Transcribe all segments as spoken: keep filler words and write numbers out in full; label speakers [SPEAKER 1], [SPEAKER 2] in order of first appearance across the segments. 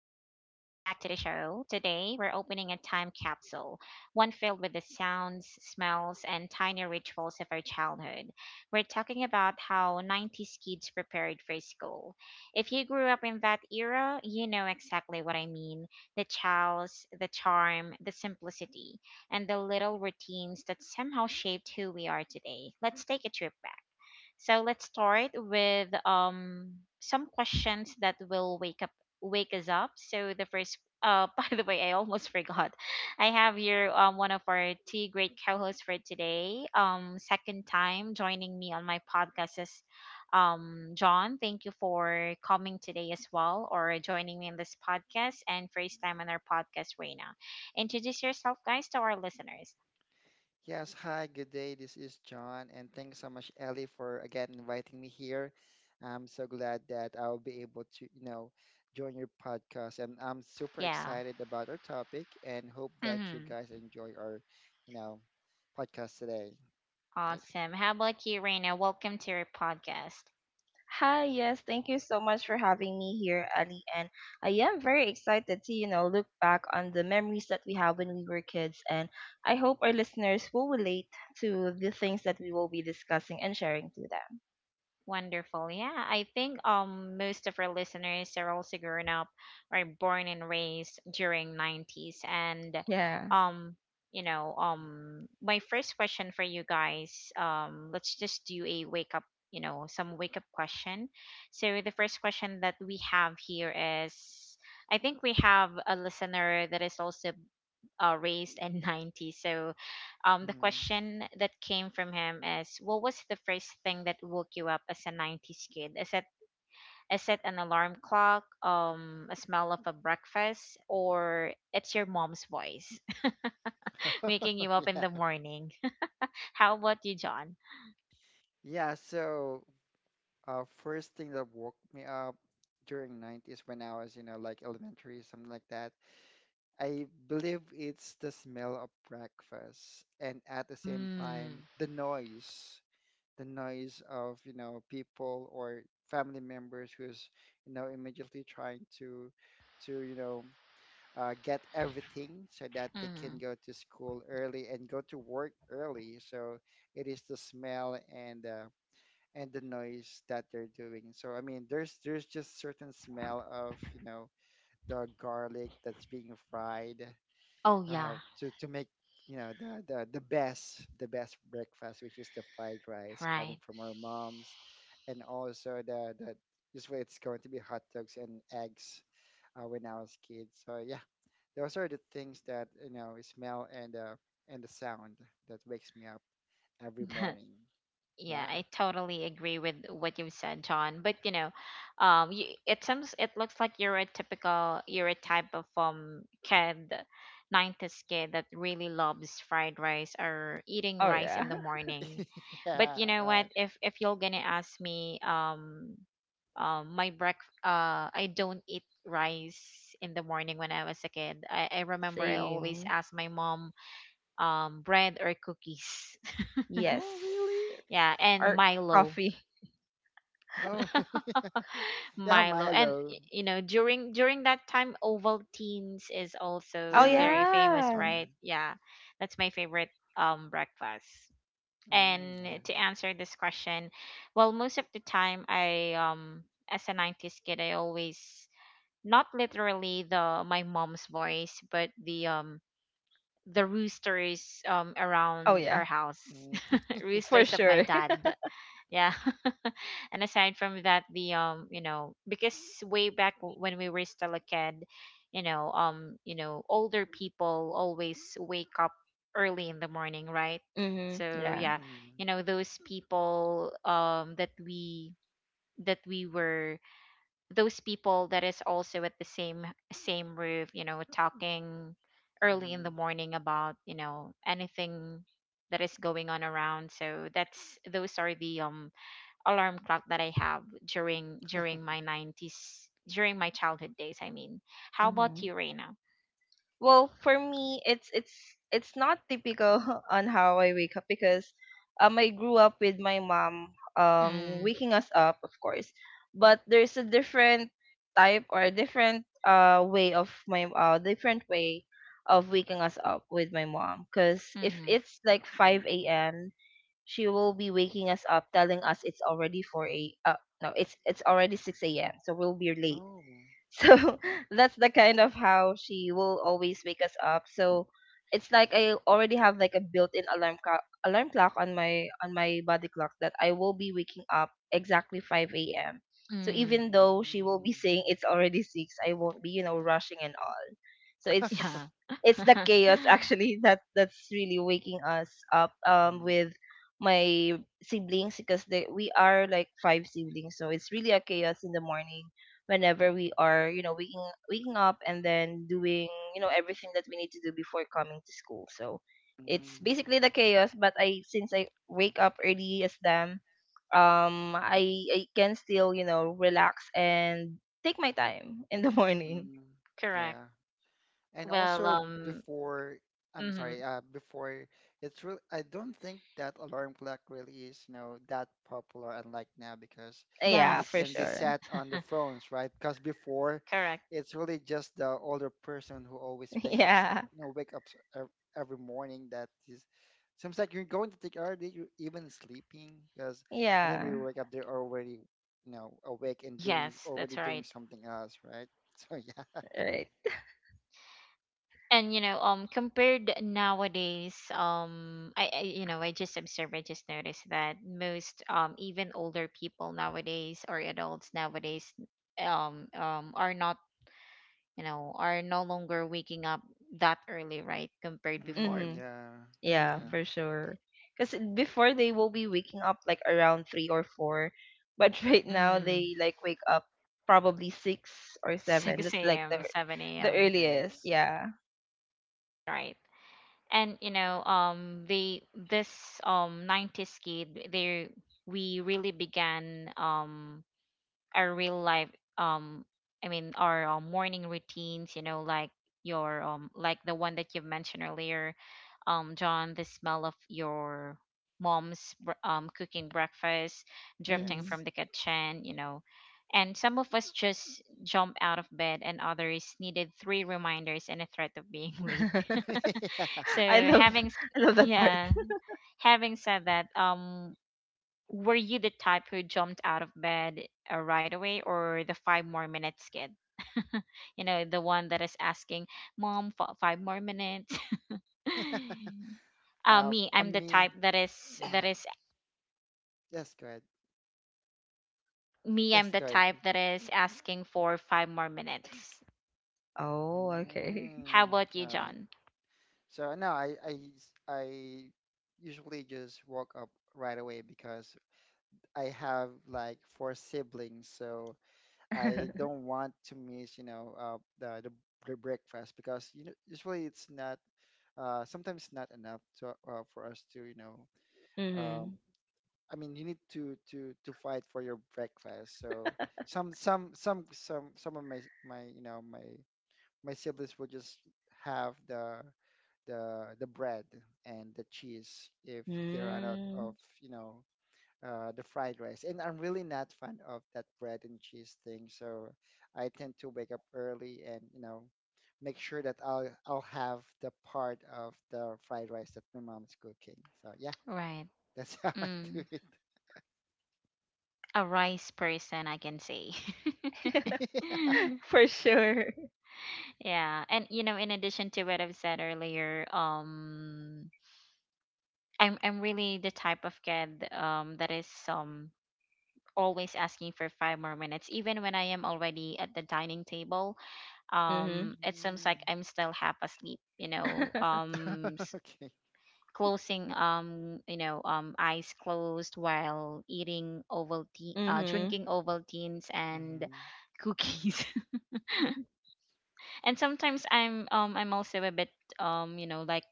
[SPEAKER 1] to the show. Today, we're opening a time capsule, one filled with the sounds, smells, and tiny rituals of our childhood. We're talking about how nineties kids prepared for school. If you grew up in that era, you know exactly what I mean the chows, the charm, the simplicity, and the little routines that somehow shaped who we are today. Let's take a trip back. So let's start with um some questions that will wake up wake us up. So the first uh by the way, I almost forgot. I have here um one of our two great co-hosts for today. Um second time joining me on my podcast is um John. Thank you for coming today as well or joining me in this podcast, and first time on our podcast, Reina. Introduce yourself guys to our listeners.
[SPEAKER 2] Yes, hi, good day. This is John, and thanks so much, Ellie, for again inviting me here. I'm so glad that I'll be able to, you know, join your podcast, and I'm super
[SPEAKER 1] Yeah.
[SPEAKER 2] excited about our topic and hope that you
[SPEAKER 1] Mhm.
[SPEAKER 2] guys enjoy our, you know, podcast today. Eh,
[SPEAKER 1] Awesome. How about you, Reina? Welcome to your podcast.
[SPEAKER 3] Hi, yes, thank you so much for having me here, Ali. And I am very excited to, you know, look back on the memories that we have when we were kids. And I hope our listeners will relate to the things that we will be discussing and sharing to them.
[SPEAKER 1] Wonderful. Yeah, I think um most of our listeners are also grown up or born and raised during nineties. And
[SPEAKER 3] Yeah.
[SPEAKER 1] um you know um my first question for you guys, um let's just do a wake up, you know, some wake up question. So the first question that we have here is, I think we have a listener that is also uh, raised and ninety. So um, the
[SPEAKER 2] mm.
[SPEAKER 1] question that came from him is, what was the first thing that woke you up as a nineties kid? Is it is it an alarm clock, um, a smell of a breakfast, or it's your mom's voice waking you up in the
[SPEAKER 2] Yeah.
[SPEAKER 1] morning? How about you, John?
[SPEAKER 2] Yeah, so uh, first thing that woke me up during nineties when I was, you know, like elementary, something like that, I believe it's the smell of breakfast and at the same time
[SPEAKER 1] Mm.
[SPEAKER 2] the noise, the noise of, you know, people or family members who's, you know, immediately trying to to, you know, uh, get everything so that they can
[SPEAKER 1] Hmm.
[SPEAKER 2] go to school early and go to work early. So it is the smell and uh, and the noise that they're doing. So I mean, there's there's just certain smell of, you know, the garlic that's being fried
[SPEAKER 1] Oh
[SPEAKER 2] uh,
[SPEAKER 1] yeah,
[SPEAKER 2] to to make you know the, the the best the best breakfast, which is the fried rice coming
[SPEAKER 1] right.
[SPEAKER 2] from our moms, and also the the this way it's going to be hot dogs and eggs uh, when I was kid. So yeah, those are the things that you know smell and uh, and the sound that wakes me up every morning.
[SPEAKER 1] Yeah,
[SPEAKER 2] Yeah,
[SPEAKER 1] I totally agree with what you've said, John. But you know, um, you, it seems it looks like you're a typical, you're a type of um kid, nineties kid that really loves fried rice or eating
[SPEAKER 3] Oh,
[SPEAKER 1] rice
[SPEAKER 3] yeah.
[SPEAKER 1] in the morning. But
[SPEAKER 2] yeah,
[SPEAKER 1] you know what?
[SPEAKER 2] right.
[SPEAKER 1] If if you're gonna ask me, um, um, my break, uh, I don't eat rice in the morning when I was a kid. I, I remember I
[SPEAKER 2] Oh,
[SPEAKER 1] always
[SPEAKER 3] Same.
[SPEAKER 1] asked my mom, um, bread or cookies.
[SPEAKER 3] Yes.
[SPEAKER 2] oh, really?
[SPEAKER 1] Yeah, and
[SPEAKER 3] Or
[SPEAKER 1] Milo
[SPEAKER 3] coffee.
[SPEAKER 2] Oh, yeah,
[SPEAKER 1] Milo. And
[SPEAKER 2] Milo.
[SPEAKER 1] y- you know, during during that time Ovaltine's is
[SPEAKER 3] Oh,
[SPEAKER 1] also
[SPEAKER 2] Yeah.
[SPEAKER 1] very famous,
[SPEAKER 3] yeah.
[SPEAKER 1] right?
[SPEAKER 2] Yeah.
[SPEAKER 1] Yeah. That's my favorite um breakfast.
[SPEAKER 2] Mm, yeah.
[SPEAKER 1] And to answer this question, well, most of the time I, um as a nineties kid, I always, not literally the my mom's voice, but the um the roosters um
[SPEAKER 3] Oh,
[SPEAKER 1] around
[SPEAKER 3] yeah.
[SPEAKER 1] our house.
[SPEAKER 2] Mm, yeah.
[SPEAKER 3] For
[SPEAKER 1] Roosters of my
[SPEAKER 3] sure.
[SPEAKER 1] dad. Yeah, and aside from that the, um you know, because way back when we were still a kid, you know, um you know older people always wake up early in the morning, right?
[SPEAKER 3] Mm-hmm.
[SPEAKER 1] So
[SPEAKER 3] Yeah.
[SPEAKER 1] yeah,
[SPEAKER 2] mm.
[SPEAKER 1] you know, those people um that we that we were, those people that is also at the same same roof, you know, talking early in the
[SPEAKER 2] Mhm,
[SPEAKER 1] morning about, you know, anything that is going on around. So that's those are the um alarm clock that I have during during my nineties, during my childhood days, I mean. How about you, Reina?
[SPEAKER 3] Well, for me, it's it's it's not typical on how I wake up because um I grew up with my mom um
[SPEAKER 1] Mm,
[SPEAKER 3] waking us up, of course, but there's a different type or a different uh way of my uh different way of waking us up with my mom. Cause if
[SPEAKER 1] mm-hmm,
[SPEAKER 3] it's like five
[SPEAKER 2] mhm.
[SPEAKER 3] a m, she will be waking us up, telling us it's already four a. Uh, no, it's it's already six a m. So we'll be late
[SPEAKER 2] Oh.
[SPEAKER 3] so that's the kind of how she will always wake us up. So it's like I already have like a built-in alarm clock alarm clock on my on my body clock that I will be waking up exactly five a m. So
[SPEAKER 1] mm,
[SPEAKER 3] even though she will be
[SPEAKER 2] Mm,
[SPEAKER 3] saying it's already six, I won't be, you know, rushing and all. So it's
[SPEAKER 1] yeah.
[SPEAKER 3] it's the chaos actually that that's really waking us up um
[SPEAKER 2] mhm,
[SPEAKER 3] with my siblings because they, we are like five siblings so it's really a chaos in the morning whenever we are, you know, waking waking up and then doing, you know, everything that we need to do before coming to school. So it's
[SPEAKER 2] mm,
[SPEAKER 3] basically the chaos, but I since I wake up early as them, um I I can still, you know, relax and take my time in the morning.
[SPEAKER 2] mm.
[SPEAKER 1] Correct.
[SPEAKER 2] Yeah, and
[SPEAKER 1] Well,
[SPEAKER 2] also
[SPEAKER 1] um,
[SPEAKER 2] before I'm
[SPEAKER 1] mm-hmm,
[SPEAKER 2] sorry, uh, before, it's really I don't think that alarm clock really is you know that popular unlike now because
[SPEAKER 3] Yeah,
[SPEAKER 2] it
[SPEAKER 3] for
[SPEAKER 2] can be
[SPEAKER 1] yes.
[SPEAKER 3] sure.
[SPEAKER 2] set on the phones, right? Because before
[SPEAKER 1] Correct.
[SPEAKER 2] it's really just the older person who always wake up s-
[SPEAKER 3] Yeah.
[SPEAKER 2] you know wake up s- ev- every morning, that is, seems like you're going to take already, you're even sleeping because whenever you
[SPEAKER 3] Yeah.
[SPEAKER 2] wake up they're already you know awake and doing
[SPEAKER 1] Yes,
[SPEAKER 2] already
[SPEAKER 1] that's
[SPEAKER 2] doing
[SPEAKER 1] right.
[SPEAKER 2] something else, right? So yeah.
[SPEAKER 3] Right.
[SPEAKER 1] And you know, um, compared nowadays, um, I, I you know, I just observed, I just noticed that most, um, even older people nowadays or adults nowadays, um, um, are not, you know, are no longer waking up that early, right? Compared before.
[SPEAKER 2] Mm,
[SPEAKER 3] Mhm.
[SPEAKER 2] yeah,
[SPEAKER 3] Yeah,
[SPEAKER 2] yeah,
[SPEAKER 1] Mm.
[SPEAKER 3] for sure. Because before they will be waking up like around three or four, but right now
[SPEAKER 1] Mm.
[SPEAKER 3] they like wake up probably six or seven. That's
[SPEAKER 1] 6
[SPEAKER 3] like
[SPEAKER 1] a.m.,
[SPEAKER 3] the
[SPEAKER 1] 7
[SPEAKER 3] the
[SPEAKER 1] a.m.
[SPEAKER 3] earliest.
[SPEAKER 2] yes,
[SPEAKER 3] Yeah.
[SPEAKER 1] Right. And you know, um they this um nineties kid they, we really began, um our real life, um i mean our, um, morning routines, you know, like your, um like the one that you mentioned earlier, um John, the smell of your mom's br- um cooking breakfast drifting
[SPEAKER 3] Mm-hmm.
[SPEAKER 1] from
[SPEAKER 2] yes.
[SPEAKER 1] the kitchen, you know, and some of us just jump out of bed and others needed three reminders and a threat of being late.
[SPEAKER 3] I
[SPEAKER 1] So
[SPEAKER 3] love
[SPEAKER 1] having s-
[SPEAKER 3] I love that part.
[SPEAKER 1] yeah, having said that, um were you the type who jumped out of bed uh, right away, or the five more minutes kid? You know, the one that is asking, Mom, f- five more minutes. Uh,
[SPEAKER 2] Yeah. Uh,
[SPEAKER 1] me, I'm
[SPEAKER 2] on
[SPEAKER 1] the
[SPEAKER 2] me,
[SPEAKER 1] type that is, that
[SPEAKER 2] mm,
[SPEAKER 1] is,
[SPEAKER 2] yes, go ahead.
[SPEAKER 1] Me, I'm
[SPEAKER 2] Yes,
[SPEAKER 1] the
[SPEAKER 2] go ahead.
[SPEAKER 1] type that is asking for five more minutes.
[SPEAKER 3] Oh, okay.
[SPEAKER 1] How
[SPEAKER 2] Mm,
[SPEAKER 1] about you,
[SPEAKER 2] all right.
[SPEAKER 1] John?
[SPEAKER 2] So no, I I I usually just walk up right away because I have like four siblings, so I don't want to miss, you know, uh, the the br- breakfast because you know usually it's not. Uh, sometimes it's not enough to, uh, for us to, you know, um,
[SPEAKER 3] Mm-hmm.
[SPEAKER 2] I mean, you need to to to fight for your breakfast. So some some some some some of my my you know my my siblings would just have the the the bread and the cheese if they run out of
[SPEAKER 3] Mm.
[SPEAKER 2] you know uh, the fried rice. And I'm really not fan of that bread and cheese thing. So I tend to wake up early and you know make sure that I'll I'll have the part of the fried rice that my mom is cooking. So yeah,
[SPEAKER 1] Right.
[SPEAKER 2] that's how I do
[SPEAKER 1] Mm, a rice person, I can say.
[SPEAKER 2] it.
[SPEAKER 3] For sure.
[SPEAKER 1] Yeah. And, you know, in addition to what I've said earlier, um, I'm I'm really the type of kid um that is um always asking for five more minutes even when I am already at the dining table.
[SPEAKER 3] Mm-hmm.
[SPEAKER 1] Um it seems like
[SPEAKER 2] Mm.
[SPEAKER 1] I'm still half asleep, you know. Um s-
[SPEAKER 2] Okay.
[SPEAKER 1] closing, um you know um eyes closed, while eating Ovaltine, uh
[SPEAKER 3] Mm-hmm.
[SPEAKER 1] drinking Ovaltines and
[SPEAKER 2] Mm-hmm.
[SPEAKER 1] cookies. And sometimes I'm, um I'm also a bit um you know like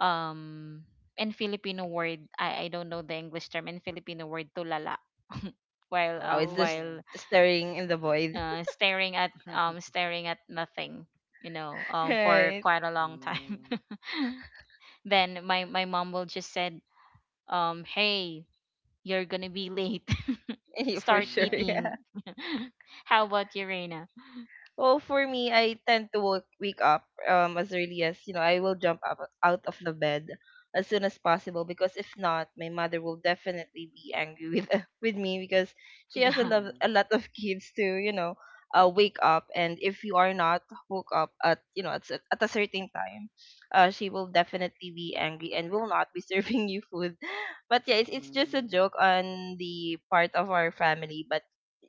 [SPEAKER 1] um in Filipino word, I I don't know the English term, in Filipino word tulala while,
[SPEAKER 3] Oh, it's
[SPEAKER 1] um
[SPEAKER 3] just
[SPEAKER 2] Oh.
[SPEAKER 1] while
[SPEAKER 3] staring in the void.
[SPEAKER 1] uh, staring at, um staring at nothing, you know, um for
[SPEAKER 3] Right.
[SPEAKER 1] quite a long time.
[SPEAKER 2] Mm.
[SPEAKER 1] Then my my mom will just said, um hey, you're gonna be late.
[SPEAKER 3] For
[SPEAKER 1] Start
[SPEAKER 2] hmm
[SPEAKER 3] sure.
[SPEAKER 2] Yeah.
[SPEAKER 3] Yeah.
[SPEAKER 1] eating. How about you, Reina?
[SPEAKER 3] Well, for me, I tend to wake, wake up um as early as you know. I will jump up out of the bed as soon as possible because if not, my mother will definitely be angry with with me because she has a
[SPEAKER 1] Yeah.
[SPEAKER 3] lot
[SPEAKER 2] Mm.
[SPEAKER 3] a lot of kids to you know uh wake up and if you are not woke up at you know at s- at a certain time, uh she will definitely be angry and will not be serving you food. But yeah, it's it's just a
[SPEAKER 2] Mm.
[SPEAKER 3] joke on the part of our family, but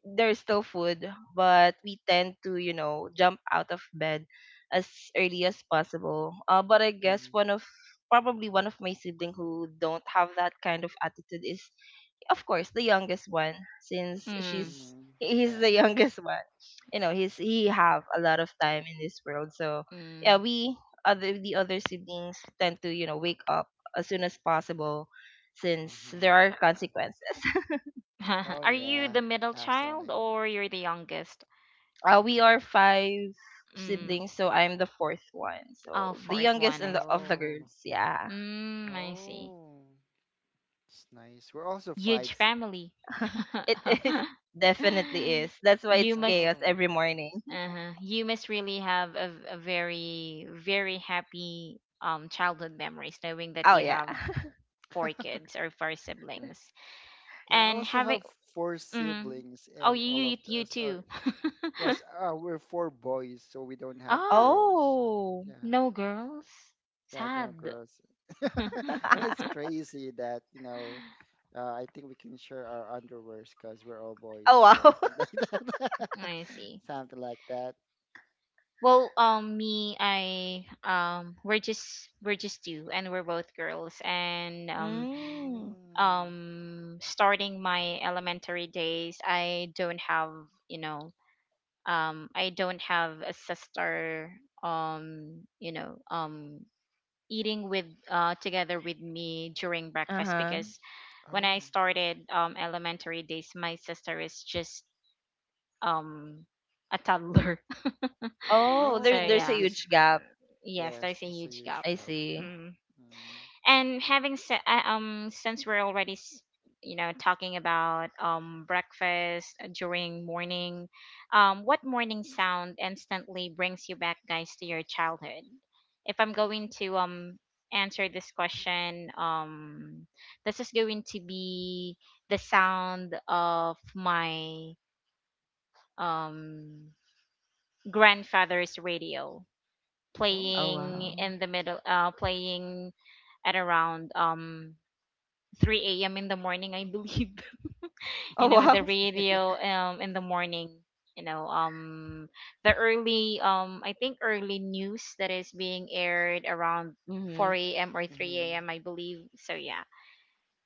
[SPEAKER 3] there's still food, but we tend to, you know, jump out of bed as early as possible. Uh, but I guess
[SPEAKER 2] Mm.
[SPEAKER 3] one of probably one of my sibling who don't have that kind of attitude is, of course, the youngest one, since
[SPEAKER 1] Mm,
[SPEAKER 3] she's
[SPEAKER 2] Mm.
[SPEAKER 3] he's the
[SPEAKER 2] Yeah.
[SPEAKER 3] youngest one. You know, he's he have a lot of time in this world. So yeah,
[SPEAKER 1] mm.
[SPEAKER 3] we other the other siblings tend to you know wake up as soon as possible since
[SPEAKER 2] Mm-hmm.
[SPEAKER 3] there are consequences.
[SPEAKER 2] Oh
[SPEAKER 1] Are you
[SPEAKER 2] yeah.
[SPEAKER 1] the middle child,
[SPEAKER 2] Absolutely.
[SPEAKER 1] or you're the youngest?
[SPEAKER 3] Uh, we are five
[SPEAKER 1] Mm.
[SPEAKER 3] siblings, so I'm the fourth one.
[SPEAKER 1] Oh,
[SPEAKER 3] So the
[SPEAKER 1] fourth
[SPEAKER 3] youngest
[SPEAKER 1] one,
[SPEAKER 3] and
[SPEAKER 1] I.
[SPEAKER 3] the, of the
[SPEAKER 2] Oh.
[SPEAKER 3] girls. Yeah,
[SPEAKER 1] Mm, I see.
[SPEAKER 2] Oh. It's nice. We're also
[SPEAKER 1] Huge
[SPEAKER 2] five. si-
[SPEAKER 1] family.
[SPEAKER 3] it is definitely is. That's why
[SPEAKER 1] You
[SPEAKER 3] it's
[SPEAKER 1] must,
[SPEAKER 3] chaos
[SPEAKER 2] Oh.
[SPEAKER 3] every morning.
[SPEAKER 1] uh you must really have a, a very, very happy um childhood memories, knowing that
[SPEAKER 3] Oh
[SPEAKER 1] you
[SPEAKER 3] yeah.
[SPEAKER 1] have four kids or four siblings,
[SPEAKER 2] Yeah. I
[SPEAKER 1] and
[SPEAKER 2] also
[SPEAKER 1] having.
[SPEAKER 2] have four
[SPEAKER 1] Mm,
[SPEAKER 2] siblings,
[SPEAKER 1] oh,
[SPEAKER 2] and
[SPEAKER 1] you,
[SPEAKER 2] all of
[SPEAKER 1] you, you
[SPEAKER 2] us are.
[SPEAKER 1] too.
[SPEAKER 2] Yes. Uh, we're four boys, so we don't have
[SPEAKER 1] Oh,
[SPEAKER 2] girls.
[SPEAKER 3] Oh.
[SPEAKER 2] Yeah.
[SPEAKER 1] no girls.
[SPEAKER 2] Yeah, they're
[SPEAKER 1] Sad.
[SPEAKER 2] gross. I mean, it's crazy that, you know, uh, I think we can share our underwears because we're all
[SPEAKER 3] Oh
[SPEAKER 2] boys. So
[SPEAKER 3] wow.
[SPEAKER 2] something like that.
[SPEAKER 1] I see.
[SPEAKER 2] Something like that.
[SPEAKER 1] Well, um, me, I, um, we're just we're just two, and we're both girls. And um,
[SPEAKER 3] Mm.
[SPEAKER 2] Mm.
[SPEAKER 1] um, starting my elementary days, I don't have, you know, um, I don't have a sister. Um, you know, um, eating with, uh together with me during
[SPEAKER 3] Uh
[SPEAKER 1] breakfast,
[SPEAKER 3] huh.
[SPEAKER 1] because when I
[SPEAKER 2] Oh.
[SPEAKER 1] started um elementary days, my sister is just um a toddler.
[SPEAKER 3] Oh,
[SPEAKER 1] So
[SPEAKER 3] there,
[SPEAKER 2] Oh,
[SPEAKER 3] there's a
[SPEAKER 1] yeah,
[SPEAKER 2] yes.
[SPEAKER 3] huge
[SPEAKER 1] uh,
[SPEAKER 3] gap.
[SPEAKER 1] yes,
[SPEAKER 2] Yes,
[SPEAKER 1] there's a
[SPEAKER 2] that's a
[SPEAKER 1] huge
[SPEAKER 2] huge
[SPEAKER 1] gap.
[SPEAKER 3] I
[SPEAKER 2] cup.
[SPEAKER 3] see.
[SPEAKER 1] Mm.
[SPEAKER 2] Mm.
[SPEAKER 1] And having se- uh, um, since we're already, s- you know, talking about um breakfast, uh, during morning, um, what morning sound instantly brings you back, guys, to your childhood? If I'm going to um answer this question, um, this is going to be the sound of my um grandfather's radio
[SPEAKER 2] Oh,
[SPEAKER 3] Oh
[SPEAKER 2] okay.
[SPEAKER 1] playing
[SPEAKER 3] wow.
[SPEAKER 1] in the middle, uh playing at around um three a m in the morning, I believe.
[SPEAKER 3] Oh
[SPEAKER 1] You know, the
[SPEAKER 3] wow.
[SPEAKER 1] radio um in the morning, you know, um the early, um I think early news that is being aired around
[SPEAKER 3] Mm-hmm.
[SPEAKER 1] four a m or 3
[SPEAKER 2] Mm-hmm.
[SPEAKER 1] a.m. I believe. So yeah,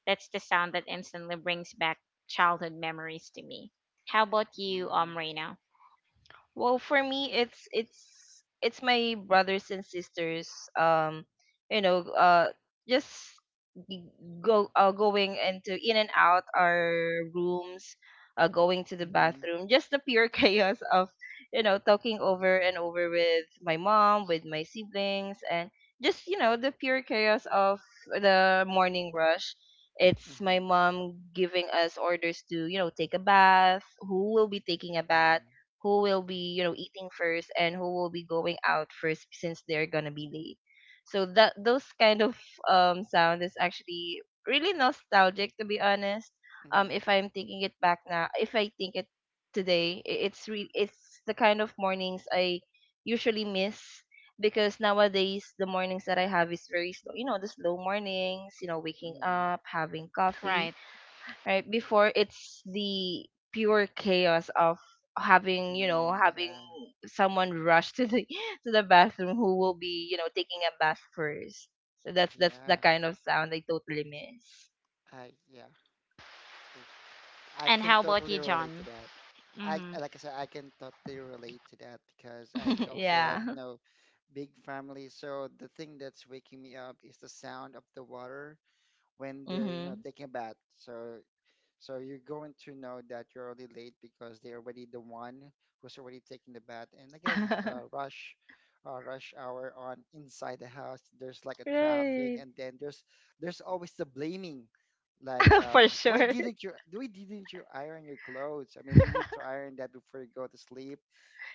[SPEAKER 1] that's the sound that instantly brings back childhood memories to me. How about you, um
[SPEAKER 2] Mm-hmm.
[SPEAKER 1] Reina?
[SPEAKER 3] Well, for me, it's it's it's my brothers and sisters. Um, you know, uh, just g- go uh, going into in and out our rooms, uh, going to the
[SPEAKER 2] Mm-hmm.
[SPEAKER 3] bathroom. Just the pure chaos of you know talking over and over with my mom, with my siblings, and just you know the pure chaos of the morning rush. It's my mom giving us orders to, you know, take a bath, who will be taking a bath,
[SPEAKER 2] Mm-hmm.
[SPEAKER 3] who will be you know eating first and who will be going out first since they're gonna be late so that those kind of um sound is actually really nostalgic to be honest. Um
[SPEAKER 2] Mm-hmm.
[SPEAKER 3] if I'm thinking it back now, if I think it today, i- it's re- it's the kind of mornings I usually miss because nowadays the mornings that I have is very slow, you know, the slow mornings, you know, waking
[SPEAKER 2] Mm-hmm.
[SPEAKER 3] up, having coffee
[SPEAKER 1] Right.
[SPEAKER 3] right before it's the pure chaos of having you know
[SPEAKER 2] Mm-hmm.
[SPEAKER 3] having
[SPEAKER 2] Yeah.
[SPEAKER 3] someone rush to the to the bathroom, who will be you know taking a bath first. So that's that's the
[SPEAKER 2] Yeah.
[SPEAKER 3] kind of sound I totally miss.
[SPEAKER 2] I yeah. Th- I
[SPEAKER 1] And
[SPEAKER 2] can
[SPEAKER 1] how about
[SPEAKER 2] totally
[SPEAKER 1] you,
[SPEAKER 2] relate to
[SPEAKER 1] John?
[SPEAKER 2] that. I,
[SPEAKER 1] Mhm.
[SPEAKER 2] like I said, I can totally relate to that because I also have
[SPEAKER 3] Yeah.
[SPEAKER 2] no big family. So the thing that's waking me up is the sound of the water when they're, you know,
[SPEAKER 3] Mhm.
[SPEAKER 2] taking a bath. So so you're going to know that you're already late because they're already the one who's already taking the bath. And again, uh, rush, uh, rush hour on inside the house. There's like a traffic,
[SPEAKER 3] Right.
[SPEAKER 2] and then there's there's always the blaming, like um,
[SPEAKER 3] For
[SPEAKER 2] why
[SPEAKER 3] sure.
[SPEAKER 2] didn't you why didn't you iron your clothes? I mean, you need to iron that before you go to sleep,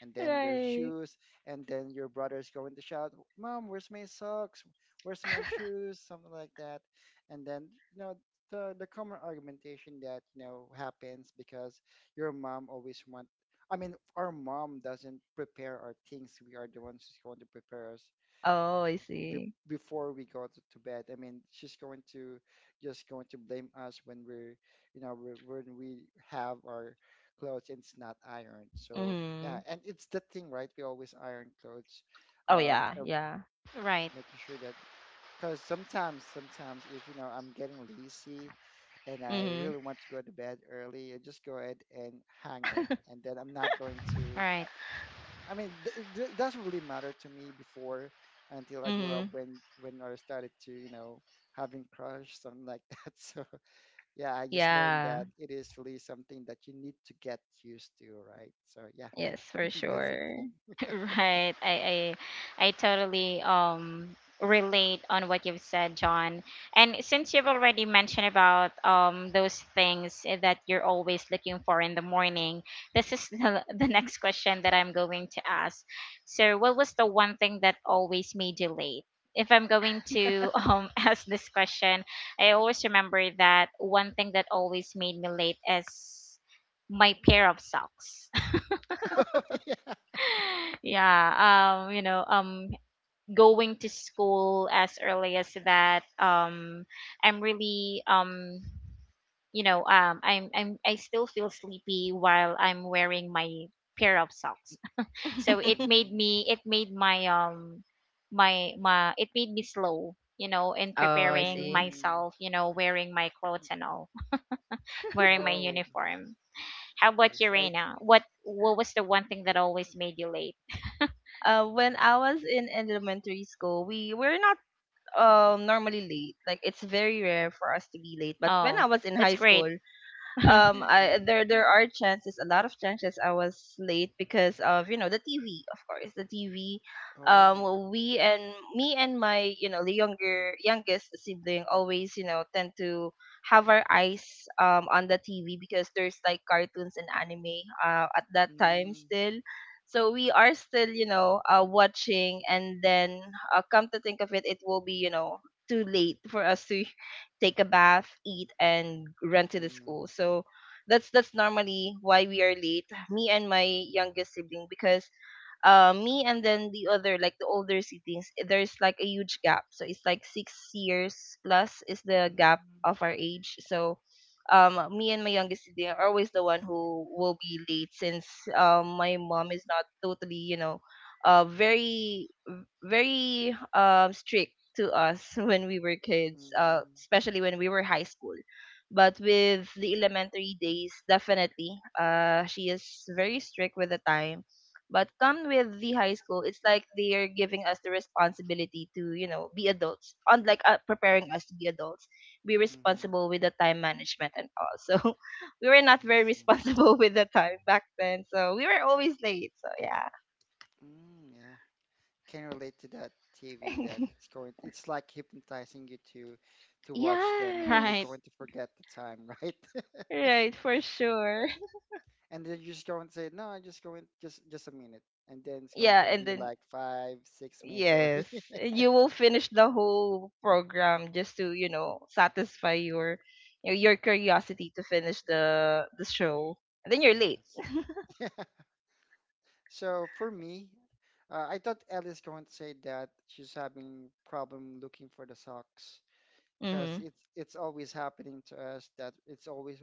[SPEAKER 2] and then their
[SPEAKER 3] Right.
[SPEAKER 2] shoes, and then your brother's going to shout, "Mom, where's my socks? Where's my shoes?" Something like that, and then you know the the common argumentation that you know happens because your mom always want. I mean, our mom doesn't prepare our things. We are the ones who's going to prepare us
[SPEAKER 3] Oh, I
[SPEAKER 2] be-
[SPEAKER 3] see.
[SPEAKER 2] before we go to, to bed. I mean, she's going to just going to blame us when we're, you know, we when we have our clothes and it's not ironed. So yeah,
[SPEAKER 3] Mhm.
[SPEAKER 2] and it's the thing, right? We always iron clothes,
[SPEAKER 3] Oh
[SPEAKER 2] um,
[SPEAKER 3] yeah,
[SPEAKER 2] uh,
[SPEAKER 3] yeah.
[SPEAKER 1] Right.
[SPEAKER 2] making sure that, because sometimes, sometimes if you know I'm getting lazy, and I
[SPEAKER 3] Mhm.
[SPEAKER 2] really want to go to bed early, I just go ahead and hang it, and then I'm not going to,
[SPEAKER 1] Right.
[SPEAKER 2] I mean, th- it, it doesn't really matter to me before, until I grew up,
[SPEAKER 3] Mhm.
[SPEAKER 2] when when I started to, you know, having crush, something like that. So yeah, I just learned
[SPEAKER 3] Yeah.
[SPEAKER 2] that it is really something that you need to get used to, right? So yeah,
[SPEAKER 3] Yes, for
[SPEAKER 2] that's the
[SPEAKER 3] sure.
[SPEAKER 2] thing.
[SPEAKER 1] Right. I, I I totally um relate on what you've said, John. And since you've already mentioned about um those things that you're always looking for in the morning, this is the, the next question that I'm going to ask. So, what was the one thing that always made you late? If I'm going to um ask this question, I always remember that one thing that always made me late is my pair of socks. Yeah, um you know, um going to school as early as that, um I'm really, um you know um i'm i'm I still feel sleepy while I'm wearing my pair of socks. So it made
[SPEAKER 2] Mm,
[SPEAKER 1] me, it made my um my my it made me slow, you know, in
[SPEAKER 3] Oh, I
[SPEAKER 1] preparing
[SPEAKER 3] see.
[SPEAKER 2] mm,
[SPEAKER 1] myself, you know, wearing my clothes and all, wearing my
[SPEAKER 2] oh,
[SPEAKER 1] uniform. How
[SPEAKER 2] I
[SPEAKER 1] about you,
[SPEAKER 2] see. I,
[SPEAKER 1] Reina? what what was the one thing that always made you late?
[SPEAKER 3] Uh, when I was in elementary school, we were not um normally late. Like it's very rare for us to be late. But when
[SPEAKER 1] Oh,
[SPEAKER 3] I was in
[SPEAKER 1] that's
[SPEAKER 3] high
[SPEAKER 1] great.
[SPEAKER 3] school, um I
[SPEAKER 2] mm,
[SPEAKER 3] there there
[SPEAKER 2] mm,
[SPEAKER 3] are chances, a lot of chances I was late because of you know the T V of course the T V. Um
[SPEAKER 2] oh,
[SPEAKER 3] we and me and my you know the younger youngest sibling always you know tend to have our eyes um on the T V because there's like cartoons and anime uh, at that time
[SPEAKER 2] mm,
[SPEAKER 3] still, so we are still you know uh, watching and then uh, come to think of it, it will be you know too late for us to take a bath, eat, and run to the
[SPEAKER 2] mm,
[SPEAKER 3] school. So that's that's normally why we are late, me and my youngest sibling, because uh, me and then the other, like the older siblings, eh, there's like a huge gap, so it's like six years plus is the gap
[SPEAKER 2] mm,
[SPEAKER 3] of our age. So um me and my youngest sibling are always the one who will be late since um my mom is not totally you know uh very very um strict to us when we were kids, uh
[SPEAKER 2] mm,
[SPEAKER 3] especially when we were high school. But with the elementary days, definitely uh she is very strict with the time. But come with the high school, it's like they're giving us the responsibility to, you know, be adults, unlike uh, preparing us to be adults, be
[SPEAKER 2] mm,
[SPEAKER 3] responsible with the time management and all. So we were not
[SPEAKER 2] I
[SPEAKER 3] very
[SPEAKER 2] see.
[SPEAKER 3] responsible with the time back then. So we were always late. So yeah.
[SPEAKER 2] Mm, yeah. Can relate to that T V that's going, it's like hypnotizing you to to watch them, and then you're
[SPEAKER 1] Right.
[SPEAKER 2] going
[SPEAKER 3] Yes.
[SPEAKER 2] to forget the time, right?
[SPEAKER 3] Right, for sure.
[SPEAKER 2] And then you're just going to say, "No, I'm just going just just a minute." And then it's going
[SPEAKER 3] Yeah,
[SPEAKER 2] to
[SPEAKER 3] and
[SPEAKER 2] be
[SPEAKER 3] then
[SPEAKER 2] like five, six minutes already.
[SPEAKER 3] yes, you will finish the whole program just to, you know, satisfy your you know, your curiosity to finish the the show. And then you're late.
[SPEAKER 2] Yes. So for me, uh, I thought Ellie's going to say that she's having problem looking for the socks
[SPEAKER 3] Mm-hmm.
[SPEAKER 2] because it's it's always happening to us that it's always,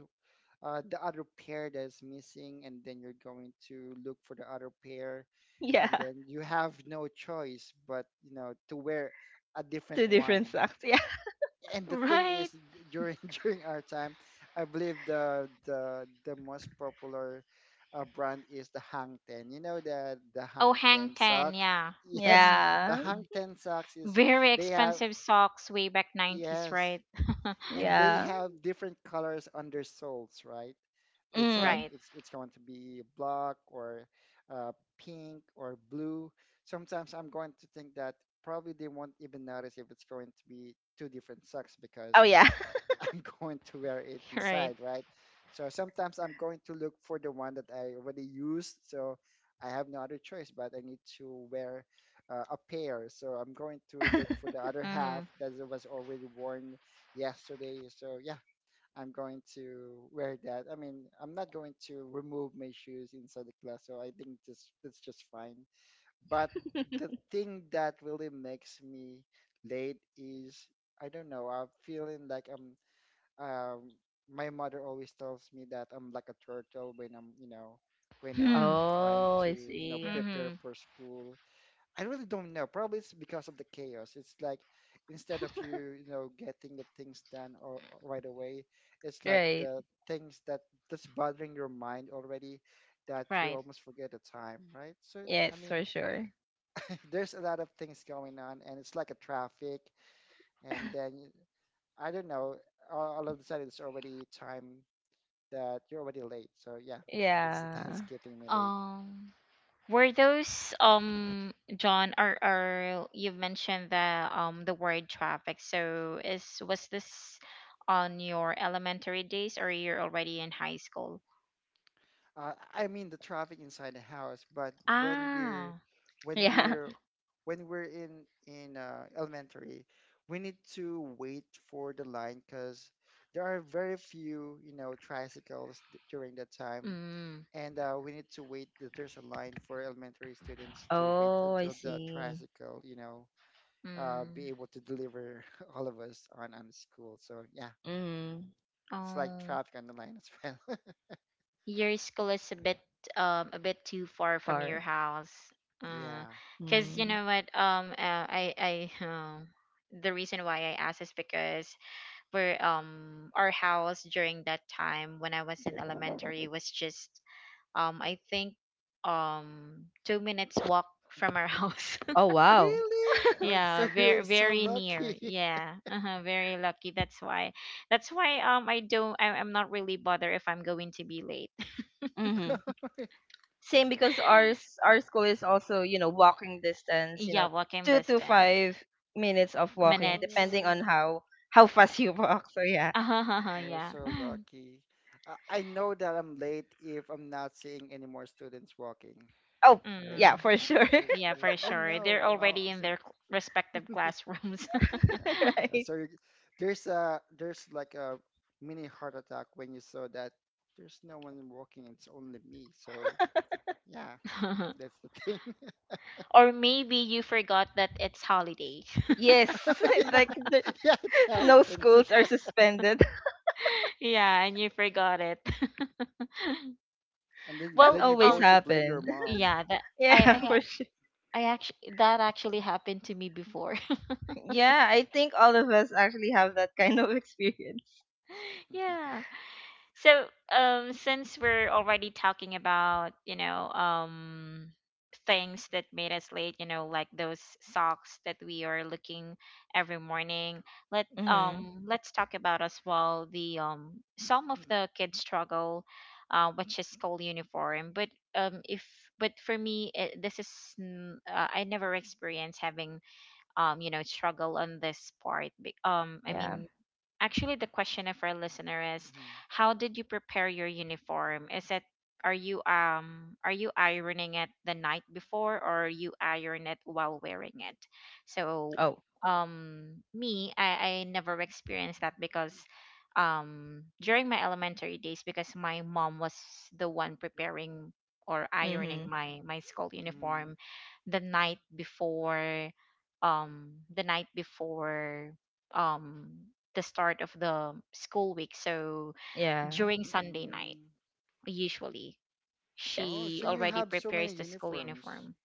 [SPEAKER 2] uh, the other pair that is missing, and then you're going to look for the other pair,
[SPEAKER 3] Yeah,
[SPEAKER 2] and then you have no choice but you know to wear a different
[SPEAKER 3] two different
[SPEAKER 2] one.
[SPEAKER 3] socks.
[SPEAKER 2] And the thing is,
[SPEAKER 1] Right.
[SPEAKER 2] d- during during our time, I believe the the the most popular uh, brand is the Hang Ten. You know the the
[SPEAKER 1] Oh,
[SPEAKER 2] Hang
[SPEAKER 1] Hang
[SPEAKER 2] Ten
[SPEAKER 1] Ten,
[SPEAKER 2] socks.
[SPEAKER 1] yeah.
[SPEAKER 2] Yes,
[SPEAKER 1] Mm.
[SPEAKER 2] the
[SPEAKER 3] Yeah,
[SPEAKER 2] Hang Ten socks is
[SPEAKER 1] Very
[SPEAKER 2] they have,
[SPEAKER 1] expensive socks way back nineties,
[SPEAKER 2] yes,
[SPEAKER 1] right?
[SPEAKER 3] yeah,
[SPEAKER 2] and they
[SPEAKER 3] yeah.
[SPEAKER 2] have different colors on their soles, right? It's like
[SPEAKER 3] Mm.
[SPEAKER 1] Right.
[SPEAKER 2] it's it's going to be black or uh, pink or blue. Sometimes I'm going to think that probably they won't even notice if it's going to be two different socks
[SPEAKER 3] Oh
[SPEAKER 2] because
[SPEAKER 3] yeah.
[SPEAKER 2] I'm going to wear it
[SPEAKER 1] Right.
[SPEAKER 2] inside, right? So sometimes I'm going to look for the one that I already used. So I have no other choice, but I need to wear uh, a pair. So I'm going to look for the other half
[SPEAKER 1] Mhm.
[SPEAKER 2] that was already worn yesterday. So yeah, I'm going to wear that. I mean, I'm not going to remove my shoes inside the class. So I think this that's just fine. But the thing that really makes me late is I don't know. I'm feeling like I'm um, my mother always tells me that I'm like a turtle when I'm, you know, when
[SPEAKER 1] Hmm.
[SPEAKER 2] I'm trying
[SPEAKER 3] Oh,
[SPEAKER 2] to,
[SPEAKER 3] I
[SPEAKER 2] you know,
[SPEAKER 3] see.
[SPEAKER 2] prepare
[SPEAKER 1] Mhm.
[SPEAKER 2] for school. I really don't know. Probably it's because of the chaos. It's like instead of you, you know, getting the things done, or, or right away, it's like
[SPEAKER 3] Right.
[SPEAKER 2] the things that that's bothering your mind already, that you
[SPEAKER 1] Right.
[SPEAKER 2] almost forget the time, right? So
[SPEAKER 3] Yes,
[SPEAKER 2] I mean,
[SPEAKER 3] for sure.
[SPEAKER 2] there's a lot of things going on, and it's like a traffic, and then I don't know, all all of a sudden it's already time that you're already late. So yeah, that's the thing that's
[SPEAKER 3] Yeah.
[SPEAKER 2] keeping me late.
[SPEAKER 1] Um were those, um John, or or you've mentioned the, um the word traffic. So is, was this on your elementary days or you're already in high school?
[SPEAKER 2] Uh, I mean the traffic inside the house, but when we're
[SPEAKER 1] Ah.
[SPEAKER 2] when
[SPEAKER 3] Yeah.
[SPEAKER 2] we're when we're in in uh, elementary, we need to wait for the line because there are very few you know tricycles d- during that time,
[SPEAKER 1] Mm.
[SPEAKER 2] and uh, we need to wait. th- There's a line for elementary students to wait
[SPEAKER 3] Oh, I
[SPEAKER 2] until the
[SPEAKER 3] see.
[SPEAKER 2] tricycle, you know uh, be
[SPEAKER 1] Mm.
[SPEAKER 2] able to deliver all of us on on the school. So yeah.
[SPEAKER 3] Mm.
[SPEAKER 2] It's like
[SPEAKER 1] Oh.
[SPEAKER 2] traffic on the line as well.
[SPEAKER 1] Your school is a bit um a bit too far from
[SPEAKER 3] Far.
[SPEAKER 1] your house, uh,
[SPEAKER 2] Yeah.
[SPEAKER 1] because
[SPEAKER 3] Mm.
[SPEAKER 1] you know what, um uh, I I um the reason why I asked is because we're, um our house during that time when I was in elementary was just, um I think um two minutes walk from our house.
[SPEAKER 3] Oh wow.
[SPEAKER 2] Really? Oh,
[SPEAKER 1] Yeah,
[SPEAKER 2] so you're
[SPEAKER 1] very
[SPEAKER 2] so
[SPEAKER 1] very near,
[SPEAKER 2] lucky.
[SPEAKER 1] yeah. Uh-huh, very lucky. That's why that's why um I don't, I, I'm not really bothered if I'm going to be late.
[SPEAKER 3] Mm-hmm. Same because ours our school is also, you know, walking distance, you
[SPEAKER 1] Yeah,
[SPEAKER 3] know,
[SPEAKER 1] walking
[SPEAKER 3] two to
[SPEAKER 1] distance,
[SPEAKER 3] five minutes of walking,
[SPEAKER 1] minutes.
[SPEAKER 3] depending on
[SPEAKER 2] Oh,
[SPEAKER 3] how how fast you walk. So yeah.
[SPEAKER 2] you're
[SPEAKER 1] Yeah.
[SPEAKER 2] so lucky. I, I know that I'm late if I'm not seeing any more students walking,
[SPEAKER 3] Oh
[SPEAKER 2] right?
[SPEAKER 3] yeah,
[SPEAKER 1] Mm,
[SPEAKER 3] for sure.
[SPEAKER 2] It's,
[SPEAKER 1] yeah,
[SPEAKER 2] uh,
[SPEAKER 1] for
[SPEAKER 2] oh
[SPEAKER 1] sure.
[SPEAKER 2] no.
[SPEAKER 1] They're
[SPEAKER 2] Well, I-
[SPEAKER 1] already
[SPEAKER 2] I'm
[SPEAKER 1] in
[SPEAKER 2] so-
[SPEAKER 1] their cl- respective classrooms.
[SPEAKER 2] Yeah. Uh,
[SPEAKER 3] Right.
[SPEAKER 2] So you, there's a there's like a mini heart attack when you saw that there's no one walking, it's only me. So yeah, that's the thing.
[SPEAKER 1] Or maybe you forgot that it's holiday.
[SPEAKER 3] Yes.
[SPEAKER 2] Yeah,
[SPEAKER 3] Like the,
[SPEAKER 2] yeah, it
[SPEAKER 3] no,
[SPEAKER 2] happens.
[SPEAKER 3] schools are suspended.
[SPEAKER 1] Yeah, and you forgot it.
[SPEAKER 2] And then
[SPEAKER 3] That
[SPEAKER 1] Well,
[SPEAKER 2] then you're
[SPEAKER 3] always
[SPEAKER 2] going
[SPEAKER 1] um,
[SPEAKER 2] to blame your
[SPEAKER 3] happened.
[SPEAKER 2] mom.
[SPEAKER 1] yeah, that
[SPEAKER 3] Yeah,
[SPEAKER 1] I
[SPEAKER 3] for sure.
[SPEAKER 1] I I actually, that actually happened to me before.
[SPEAKER 3] Yeah, I think all of us actually have that kind of experience.
[SPEAKER 1] Yeah. So, um, since we're already talking about, you know, um, things that made us late, you know, like those socks that we are looking every morning, let
[SPEAKER 3] Mhm.
[SPEAKER 1] um let's talk about as well the um some of the kids struggle, uh, which is school uniform. But um, if but for me, it, this is n- uh, I never experienced having um you know struggle on this part. be- Um, I
[SPEAKER 3] Yeah.
[SPEAKER 1] mean, actually, the question of our listener is, how did you prepare your uniform? Is it Are you um are you ironing it the night before or you iron it while wearing it? So,
[SPEAKER 3] Oh.
[SPEAKER 1] um me, I I never experienced that because um during my elementary days, because my mom was the one preparing or ironing
[SPEAKER 3] Mhm.
[SPEAKER 1] my my school
[SPEAKER 2] Mhm.
[SPEAKER 1] uniform the night before, um the night before um the start of the school week. So
[SPEAKER 3] Yeah.
[SPEAKER 1] during
[SPEAKER 2] Mm,
[SPEAKER 1] Sunday night,
[SPEAKER 2] mm.
[SPEAKER 1] usually
[SPEAKER 3] Yes.
[SPEAKER 2] Oh,
[SPEAKER 1] she
[SPEAKER 2] so you
[SPEAKER 1] already
[SPEAKER 2] have so many
[SPEAKER 1] prepares the school
[SPEAKER 2] uniforms.
[SPEAKER 1] uniform.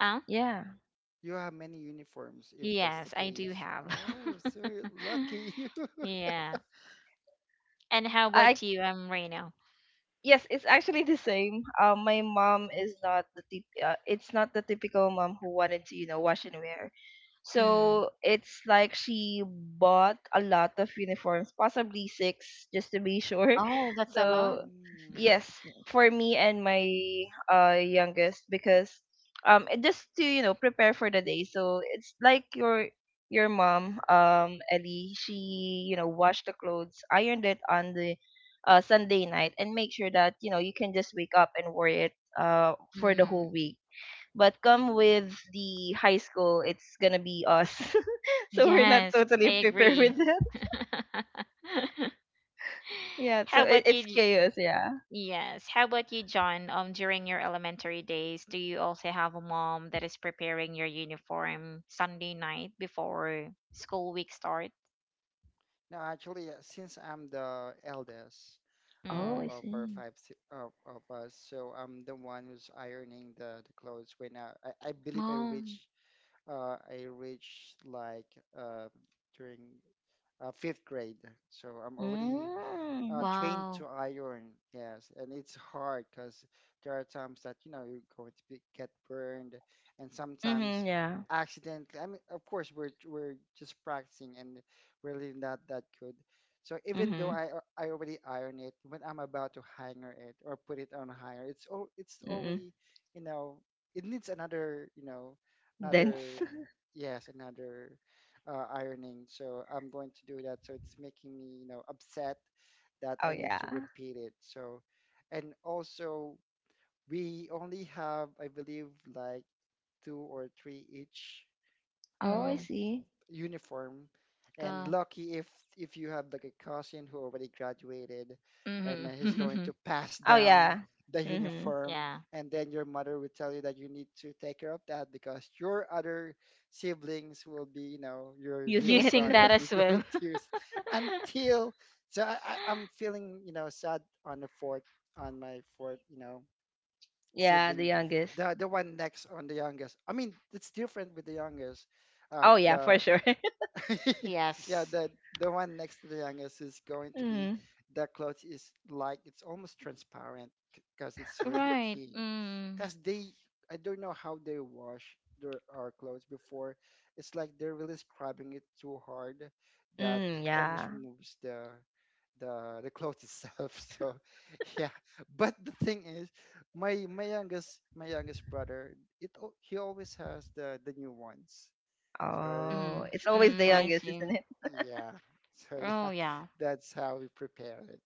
[SPEAKER 1] Ah,
[SPEAKER 3] Yeah.
[SPEAKER 2] You have many uniforms if that's the
[SPEAKER 1] yes, I do
[SPEAKER 2] case.
[SPEAKER 1] have.
[SPEAKER 2] Oh, so you're lucky you.
[SPEAKER 1] Yeah. And how
[SPEAKER 3] I
[SPEAKER 1] about you, um, Reno?
[SPEAKER 3] yes, it's actually the same. Um, my mom is not the tip. Uh, it's not the typical mom who wanted to, you know, wash and wear.
[SPEAKER 1] Mm.
[SPEAKER 3] So it's like she bought a lot of uniforms, possibly six, just to be sure.
[SPEAKER 1] Oh, that's a lot.
[SPEAKER 3] So
[SPEAKER 2] Mm,
[SPEAKER 3] yes, for me and my uh youngest, because um, it just to you know prepare for the day. So it's like your your mom, um, Ellie. She you know washed the clothes, ironed it on the uh, Sunday night and make sure that you know you can just wake up and wear it uh, for the whole
[SPEAKER 1] Mm.
[SPEAKER 3] week. But come
[SPEAKER 2] mm,
[SPEAKER 3] with the high school, it's gonna be us. So we're not
[SPEAKER 1] Yes, I
[SPEAKER 3] totally
[SPEAKER 2] mm,
[SPEAKER 3] prepared with
[SPEAKER 1] agree.
[SPEAKER 2] yes.
[SPEAKER 3] that. Yeah, so
[SPEAKER 1] How
[SPEAKER 3] it,
[SPEAKER 1] about
[SPEAKER 3] it's
[SPEAKER 1] you,
[SPEAKER 3] chaos. Yeah.
[SPEAKER 1] Yes. How about you, John? Um, during your elementary days, do you also have a mom that is preparing your uniform Sunday night before school week start?
[SPEAKER 2] No, actually, uh, since I'm the eldest uh,
[SPEAKER 3] Oh, I
[SPEAKER 1] Mm.
[SPEAKER 2] of our
[SPEAKER 3] see.
[SPEAKER 2] five si- of, of us, so I'm the one who's ironing the, the clothes when I, I, I believe I
[SPEAKER 1] Mom.
[SPEAKER 2] reached uh, I reached, like, uh, during uh, fifth grade. So I'm already uh,
[SPEAKER 3] Mm.
[SPEAKER 2] trained
[SPEAKER 1] Wow.
[SPEAKER 2] to iron. Yes, and it's hard because there are times that you know you're going to be, get burned, and
[SPEAKER 3] Mhm.
[SPEAKER 2] sometimes
[SPEAKER 3] Yeah.
[SPEAKER 2] accidentally. I mean, of course, we're we're just practicing, and we're really not that good. So even though
[SPEAKER 3] Mhm.
[SPEAKER 2] I al- I already iron it, when I'm about to hanger it or put it on higher, it's all it's
[SPEAKER 3] Mhm.
[SPEAKER 2] already. you know it needs another, you know
[SPEAKER 3] Dense.
[SPEAKER 2] another, yes, another, uh, ironing. So I'm going to do that. So it's making me you know upset that
[SPEAKER 3] Oh
[SPEAKER 2] I need to
[SPEAKER 3] yeah.
[SPEAKER 2] repeat it. So, and also, we only have, I believe, like two or three each
[SPEAKER 3] Oh, I
[SPEAKER 2] um,
[SPEAKER 1] Mm.
[SPEAKER 3] see.
[SPEAKER 2] uniform, and
[SPEAKER 1] Go.
[SPEAKER 2] lucky if if you have like a cousin who already graduated, and uh, he's going
[SPEAKER 1] Mm-hmm.
[SPEAKER 2] to pass
[SPEAKER 3] Oh
[SPEAKER 2] down
[SPEAKER 3] yeah.
[SPEAKER 2] the
[SPEAKER 3] Mhm.
[SPEAKER 2] uniform,
[SPEAKER 1] Yeah.
[SPEAKER 2] and then your mother will tell you that you need to take care of that because your other siblings will be you know your
[SPEAKER 3] Using
[SPEAKER 2] little
[SPEAKER 3] it.
[SPEAKER 1] Using that
[SPEAKER 2] brothers. You're
[SPEAKER 1] as well.
[SPEAKER 2] going to. Until so I, I, I'm feeling you know sad on the fourth on my fourth you know
[SPEAKER 3] Yeah, the
[SPEAKER 2] sibling,
[SPEAKER 3] youngest.
[SPEAKER 2] the the one next on the youngest. I mean, it's different with the youngest. Um,
[SPEAKER 3] Oh yeah, for
[SPEAKER 2] the
[SPEAKER 3] sure.
[SPEAKER 2] Yeah,
[SPEAKER 1] Yes.
[SPEAKER 2] the the one next to the youngest is going to be,
[SPEAKER 3] Mm.
[SPEAKER 2] the clothes is like it's almost transparent because it's really
[SPEAKER 1] Right.
[SPEAKER 2] thin.
[SPEAKER 1] Mm.
[SPEAKER 2] Because they, I don't know how they wash their our clothes before. It's like they're really scrubbing it too hard that it
[SPEAKER 3] Mm,
[SPEAKER 2] almost
[SPEAKER 3] yeah.
[SPEAKER 2] removes the the the clothes itself. So yeah, but the thing is, my my youngest my youngest brother, it al- he always has the the new ones. So.
[SPEAKER 3] Oh,
[SPEAKER 1] Mm,
[SPEAKER 3] it's always the
[SPEAKER 1] mm, I
[SPEAKER 2] Probably,
[SPEAKER 3] youngest,
[SPEAKER 1] see.
[SPEAKER 3] isn't it?
[SPEAKER 2] yeah. So
[SPEAKER 1] Oh,
[SPEAKER 2] yeah,
[SPEAKER 1] yeah.
[SPEAKER 2] that's how we prepare it.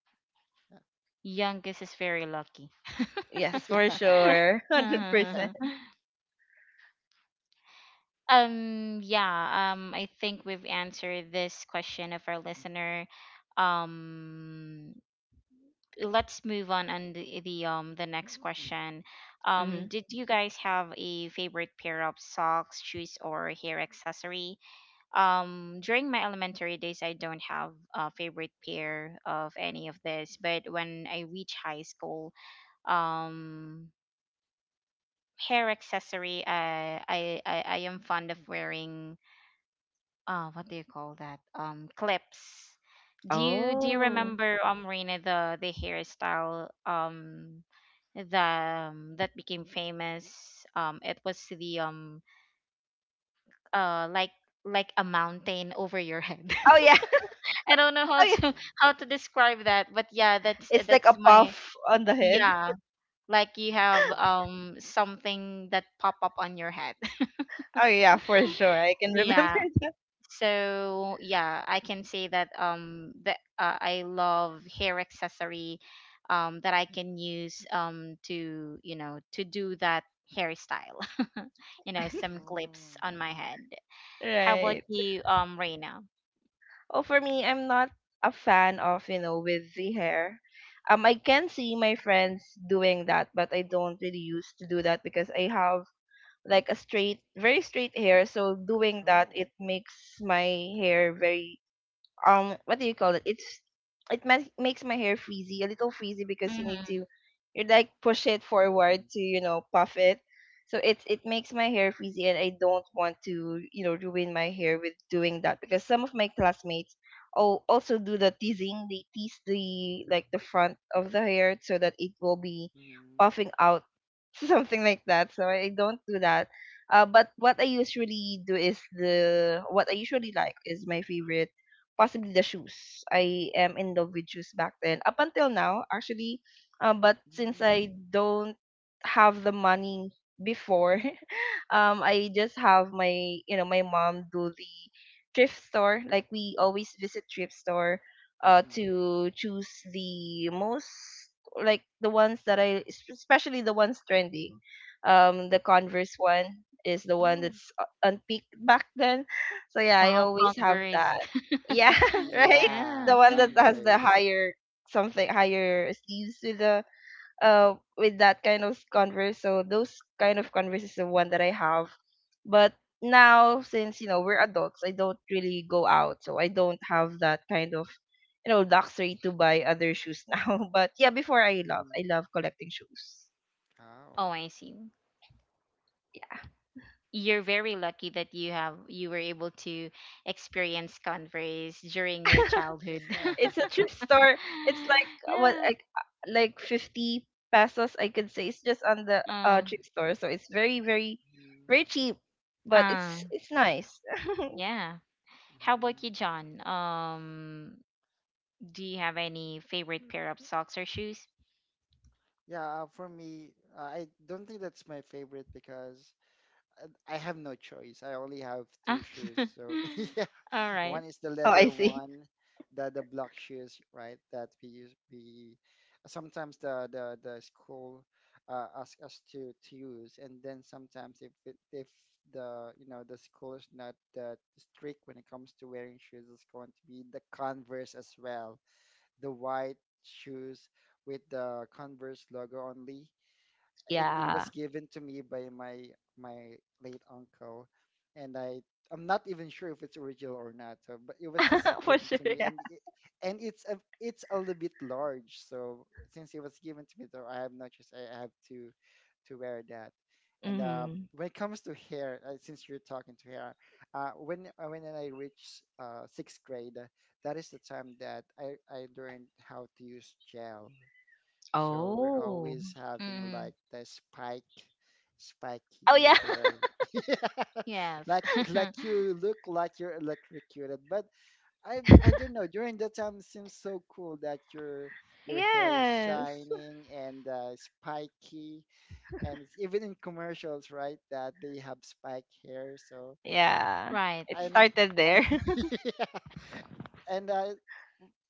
[SPEAKER 1] Youngest is very lucky.
[SPEAKER 3] Yes, for
[SPEAKER 2] Yeah.
[SPEAKER 3] sure.
[SPEAKER 2] Yeah.
[SPEAKER 3] one hundred percent.
[SPEAKER 2] Yeah.
[SPEAKER 1] Um, yeah, um, I think we've answered this question of our listener. Um, let's move on on the, the um the next question.
[SPEAKER 3] Mm-hmm.
[SPEAKER 1] Um, did you guys have a favorite pair of socks, shoes, or hair accessory? Um, during my elementary days, I don't have a favorite pair of any of this, but when I reach high school, um, hair accessory, uh, I I I am fond of wearing. uh what do you call that, um clips? Do you do
[SPEAKER 2] Mhm.
[SPEAKER 1] you
[SPEAKER 3] Oh.
[SPEAKER 1] remember, um Reina, the the hairstyle, um the um, that became famous, um it was the, um uh like, like a mountain over your head.
[SPEAKER 3] Oh, yeah.
[SPEAKER 1] I don't know how
[SPEAKER 3] Oh, yeah.
[SPEAKER 1] to
[SPEAKER 2] Oh.
[SPEAKER 1] how to describe that, but yeah, that's
[SPEAKER 3] It's like
[SPEAKER 1] that's
[SPEAKER 3] a
[SPEAKER 1] my.
[SPEAKER 3] puff on the head.
[SPEAKER 1] Yeah, like you have
[SPEAKER 2] Mhm.
[SPEAKER 1] um something that pop up on your head.
[SPEAKER 3] Oh, yeah, for sure. I can remember
[SPEAKER 1] Yeah.
[SPEAKER 3] that.
[SPEAKER 1] So yeah, I can say that, um that uh, I love hair accessory, um that I can use, um to you know to do that hairstyle, you know, some clips
[SPEAKER 2] Oh.
[SPEAKER 1] on my head. How about
[SPEAKER 3] Right.
[SPEAKER 1] you, um Reina?
[SPEAKER 3] Oh, for me, I'm not a fan of, you know, wavy hair. Um, I can see my friends doing that, but I don't really used to do that because I have like a straight, very straight hair. So doing that,
[SPEAKER 2] Oh.
[SPEAKER 3] it makes my hair very um what do you call it it's it ma- makes my hair frizzy, a little frizzy, because you need
[SPEAKER 1] Hmm.
[SPEAKER 3] to, you like push it forward
[SPEAKER 2] Mhm.
[SPEAKER 3] to, you know, puff it. So it it makes my hair frizzy, and I don't want to, you know, ruin my hair with doing that because some of my classmates al- also do the teasing. They tease the, like, the front of the hair so that it will be
[SPEAKER 2] Mhm.
[SPEAKER 3] puffing out something like that, so I don't do that. Uh, but what I usually do is the what I usually like is my favorite possibly the shoes. I am in love with shoes back then. Up until now, actually, uh, but since
[SPEAKER 2] Mhm.
[SPEAKER 3] I don't have the money before, um I just have my, you know, my mom do the thrift store. Like we always visit thrift store uh
[SPEAKER 2] Mhm.
[SPEAKER 3] to choose the most, like, the ones that I es- especially the ones trending. Um the Converse one is the one
[SPEAKER 2] Oh.
[SPEAKER 3] that's o- on peak back then. So yeah, I
[SPEAKER 1] Wow,
[SPEAKER 3] always have
[SPEAKER 1] Converse.
[SPEAKER 3] that. Yeah, right?
[SPEAKER 1] Yeah.
[SPEAKER 2] Yeah.
[SPEAKER 3] The one that has the
[SPEAKER 2] Converse.
[SPEAKER 3] higher, something higher sleeves with the, uh with that kind of converse. So those kind of converse is the one that I have. But now since, you know, we're adults, I don't really go out, so I don't have that kind of, you know, luxury to buy other shoes now. But yeah, before i love
[SPEAKER 2] Mhm.
[SPEAKER 3] I love collecting shoes
[SPEAKER 2] Oh.
[SPEAKER 1] Oh, I see. You're very lucky that you have you were able to experience Converse during your childhood.
[SPEAKER 2] Yeah.
[SPEAKER 3] it's a thrift store. It's like, what
[SPEAKER 1] Yeah.
[SPEAKER 3] like like fifty pesos, I could say. It's just on the uh
[SPEAKER 1] Mm.
[SPEAKER 3] thrift store, so it's very very
[SPEAKER 2] Mhm.
[SPEAKER 3] very cheap, but
[SPEAKER 1] Uh,
[SPEAKER 3] it's it's nice. Oh,
[SPEAKER 1] yeah. How about
[SPEAKER 2] Mhm.
[SPEAKER 1] you, John? Um, do you have any favorite pair of socks or shoes?
[SPEAKER 2] Yeah, uh, for me, uh, I don't think that's my favorite because uh, I have no choice. I only have
[SPEAKER 1] Ah.
[SPEAKER 2] two shoes. So yeah,
[SPEAKER 1] All right.
[SPEAKER 2] one is the
[SPEAKER 3] I
[SPEAKER 2] leather
[SPEAKER 3] see.
[SPEAKER 2] one, the the block shoes, right? That we use. We sometimes the the the school uh, ask us to to use, and then sometimes if it, if the you know the school is not that strict when it comes to wearing shoes, it's going to be the Converse as well, the white shoes with the Converse logo only, and it was
[SPEAKER 3] Yeah.
[SPEAKER 2] given to me by my my late uncle, and i i'm not even sure if it's original or not, so, but it was just
[SPEAKER 3] For
[SPEAKER 2] given
[SPEAKER 3] sure,
[SPEAKER 2] to me,
[SPEAKER 3] yeah.
[SPEAKER 2] and it, and it's a it's a little bit large, so since it was given to me, though, I have no choice. I have to to wear that. And uh,
[SPEAKER 3] Mhm.
[SPEAKER 2] when it comes to hair, uh, since you're talking to hair, uh, when uh, when I reached uh, sixth grade, that is the time that I, I learned how to use gel. So we're
[SPEAKER 3] Oh.
[SPEAKER 2] always having
[SPEAKER 1] Mm-hmm.
[SPEAKER 2] like the spike,
[SPEAKER 3] Oh,
[SPEAKER 2] spiky
[SPEAKER 3] yeah.
[SPEAKER 2] hair. Yeah.
[SPEAKER 1] Yes.
[SPEAKER 2] Like like you look like you're electrocuted. But I I don't know. During that time, it seems so cool that your your hair is
[SPEAKER 3] Yes.
[SPEAKER 2] shining and uh, spiky, and it's even in commercials, right? That they have spike hair. So,
[SPEAKER 3] Yeah.
[SPEAKER 1] Right.
[SPEAKER 3] It
[SPEAKER 2] and,
[SPEAKER 3] started
[SPEAKER 2] uh,
[SPEAKER 3] there.
[SPEAKER 2] yeah. And I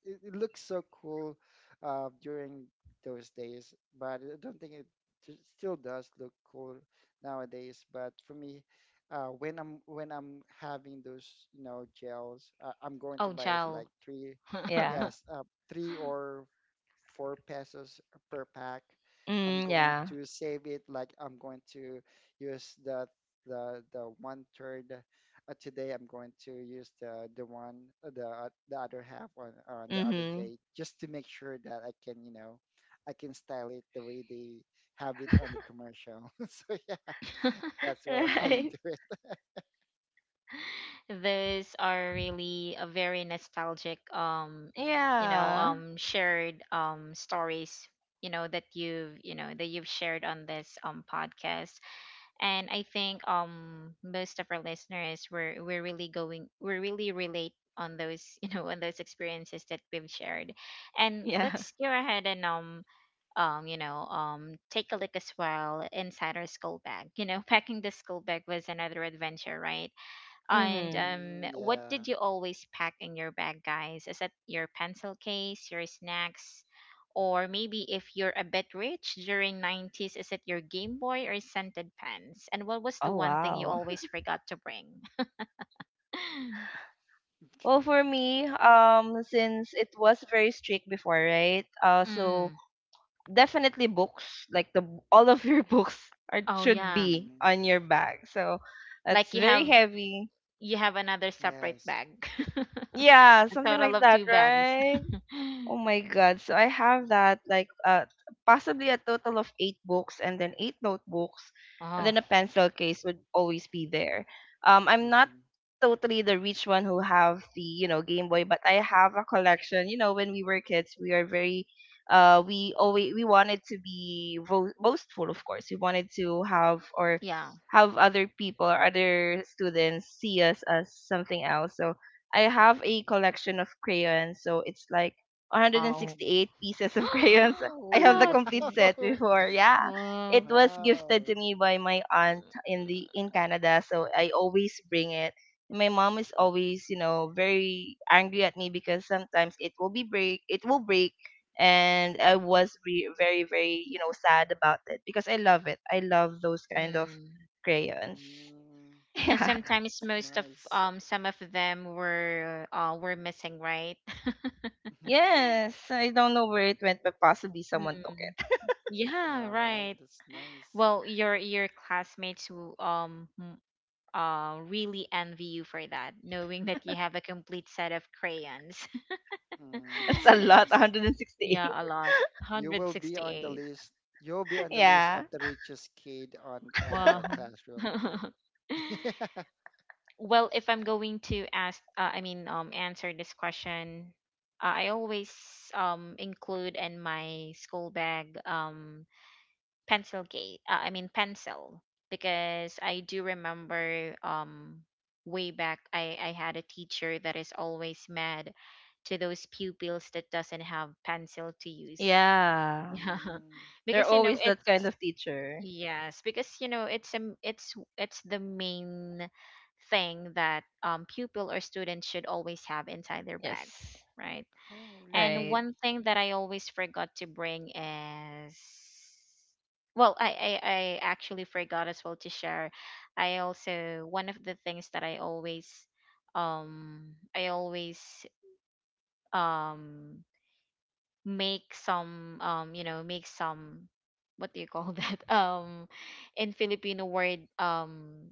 [SPEAKER 2] it, it looks so cool uh, during those days, but I don't think it t- still does look cool nowadays. But for me, uh, when I'm when I'm having those you know gels, uh, I'm going to
[SPEAKER 1] Oh,
[SPEAKER 2] buy it
[SPEAKER 1] Jowl.
[SPEAKER 2] like three,
[SPEAKER 3] Yeah.
[SPEAKER 2] yes, uh, three or four pesos per pack. I'm
[SPEAKER 3] Mm,
[SPEAKER 2] going
[SPEAKER 3] yeah.
[SPEAKER 2] to save it, like I'm going to use the the the one third. Uh, today I'm going to use the the one, uh, the o- the other half on on the other
[SPEAKER 3] Mhm.
[SPEAKER 2] day, just to make sure that I can you know I can style it the way they have it on the commercial. So yeah, that's where how we
[SPEAKER 3] Right.
[SPEAKER 2] do it.
[SPEAKER 1] Those are really a very nostalgic, um, you know,
[SPEAKER 3] Yeah.
[SPEAKER 1] um, shared um stories, you know, that you've, you know, that you've shared on this um podcast. And I think um most of our listeners, were we're really, going we really relate on those, you know, on those experiences that we've shared. And
[SPEAKER 3] Yeah.
[SPEAKER 1] let's go ahead and um um you know um take a look as well inside our school bag, you know. Packing the school bag was another adventure, right? And
[SPEAKER 3] Mhm.
[SPEAKER 1] um,
[SPEAKER 2] Mm,
[SPEAKER 1] what
[SPEAKER 2] yeah.
[SPEAKER 1] did you always pack in your bag, guys? Is it your pencil case, your snacks, or maybe if you're a bit rich during nineties, is it your Game Boy or scented pens? And what was the
[SPEAKER 3] Oh,
[SPEAKER 1] one thing you
[SPEAKER 3] wow.
[SPEAKER 1] always forgot to bring?
[SPEAKER 2] Okay.
[SPEAKER 3] Well, for me, um since it was very strict before, right? Uh so
[SPEAKER 1] Mm.
[SPEAKER 3] definitely books, like the all of your books are
[SPEAKER 1] Oh
[SPEAKER 3] should
[SPEAKER 1] yeah,
[SPEAKER 3] be
[SPEAKER 2] Mm,
[SPEAKER 3] on your bag. So that's
[SPEAKER 1] like you
[SPEAKER 3] very
[SPEAKER 1] have
[SPEAKER 3] heavy.
[SPEAKER 1] you have another separate
[SPEAKER 2] yes.
[SPEAKER 1] bag.
[SPEAKER 3] Yeah,
[SPEAKER 1] A
[SPEAKER 3] something
[SPEAKER 1] total
[SPEAKER 3] like
[SPEAKER 1] of
[SPEAKER 3] that,
[SPEAKER 1] two bags.
[SPEAKER 3] right? Oh my God. So I have that like uh possibly a total of eight books and then eight notebooks, and
[SPEAKER 1] Oh,
[SPEAKER 3] then a pencil case would always be there. Um I'm not
[SPEAKER 2] Hmm.
[SPEAKER 3] totally the rich one who have the, you know, Game Boy, but I have a collection. You know, when we were kids, we are very, uh we always we wanted to be vo- boastful, of course. We wanted to have, or
[SPEAKER 1] yeah.
[SPEAKER 3] have other people or other students see us as something else. So I have a collection of crayons, so it's like
[SPEAKER 2] Oh.
[SPEAKER 1] Oh.
[SPEAKER 3] one hundred sixty-eight pieces of crayons. I
[SPEAKER 1] A
[SPEAKER 3] have the
[SPEAKER 2] Wow.
[SPEAKER 1] lot.
[SPEAKER 3] complete
[SPEAKER 1] Mm.
[SPEAKER 3] set
[SPEAKER 2] Wow.
[SPEAKER 3] before. Yeah. It
[SPEAKER 1] Wow.
[SPEAKER 3] was gifted
[SPEAKER 2] Wow.
[SPEAKER 3] to me by my aunt in the in Canada, so I always bring it. My mom is always, you know, very angry at me because sometimes it will be break, it will break, and I was re- very very, you know, sad about it because I love it. I love those kind of
[SPEAKER 1] Mm.
[SPEAKER 3] crayons.
[SPEAKER 2] Mm,
[SPEAKER 1] And
[SPEAKER 3] Yeah.
[SPEAKER 1] sometimes,
[SPEAKER 2] that's
[SPEAKER 1] most of
[SPEAKER 2] nice.
[SPEAKER 1] um some of them were uh were missing, right?
[SPEAKER 3] Yes, I don't know where it went, but possibly someone took
[SPEAKER 1] Mm.
[SPEAKER 3] it.
[SPEAKER 1] Yeah,
[SPEAKER 2] All right.
[SPEAKER 1] right.
[SPEAKER 2] That's nice.
[SPEAKER 1] Well, your your classmates who um m- uh really envy you for that, knowing that you have a complete set of crayons.
[SPEAKER 2] Mm,
[SPEAKER 3] It's
[SPEAKER 2] that's
[SPEAKER 3] a lot,
[SPEAKER 2] nice.
[SPEAKER 3] one hundred sixty-eight.
[SPEAKER 1] Yeah, a lot.
[SPEAKER 2] You will be on the
[SPEAKER 1] one hundred sixty-eight.
[SPEAKER 2] list. You'll be on the list
[SPEAKER 3] Yeah.
[SPEAKER 2] of the richest kid on on the
[SPEAKER 1] Wow.
[SPEAKER 2] classroom. Yeah.
[SPEAKER 1] Well, if I'm going to ask, uh, I mean, um, answer this question, uh, I always um include in my school bag, um pencil case. Uh, I mean pencil, because I do remember, um way back, I I had a teacher that is always mad to those pupils that doesn't have pencil to use.
[SPEAKER 3] Yeah.
[SPEAKER 1] Yeah,
[SPEAKER 2] Mm.
[SPEAKER 3] They're
[SPEAKER 1] because you know
[SPEAKER 3] always that kind
[SPEAKER 1] it's
[SPEAKER 3] of teacher.
[SPEAKER 1] Yes, because you know, it's um it's it's the main thing that, um pupil or student should always have inside their bag,
[SPEAKER 3] Yes.
[SPEAKER 1] right?
[SPEAKER 2] Oh,
[SPEAKER 1] And
[SPEAKER 3] Right.
[SPEAKER 2] really?
[SPEAKER 1] one thing that I always forgot to bring is, well, I, I I actually forgot as well to share. I also, one of the things that I always, um I always um make some, um you know make some, what do you call that, um in Filipino word, um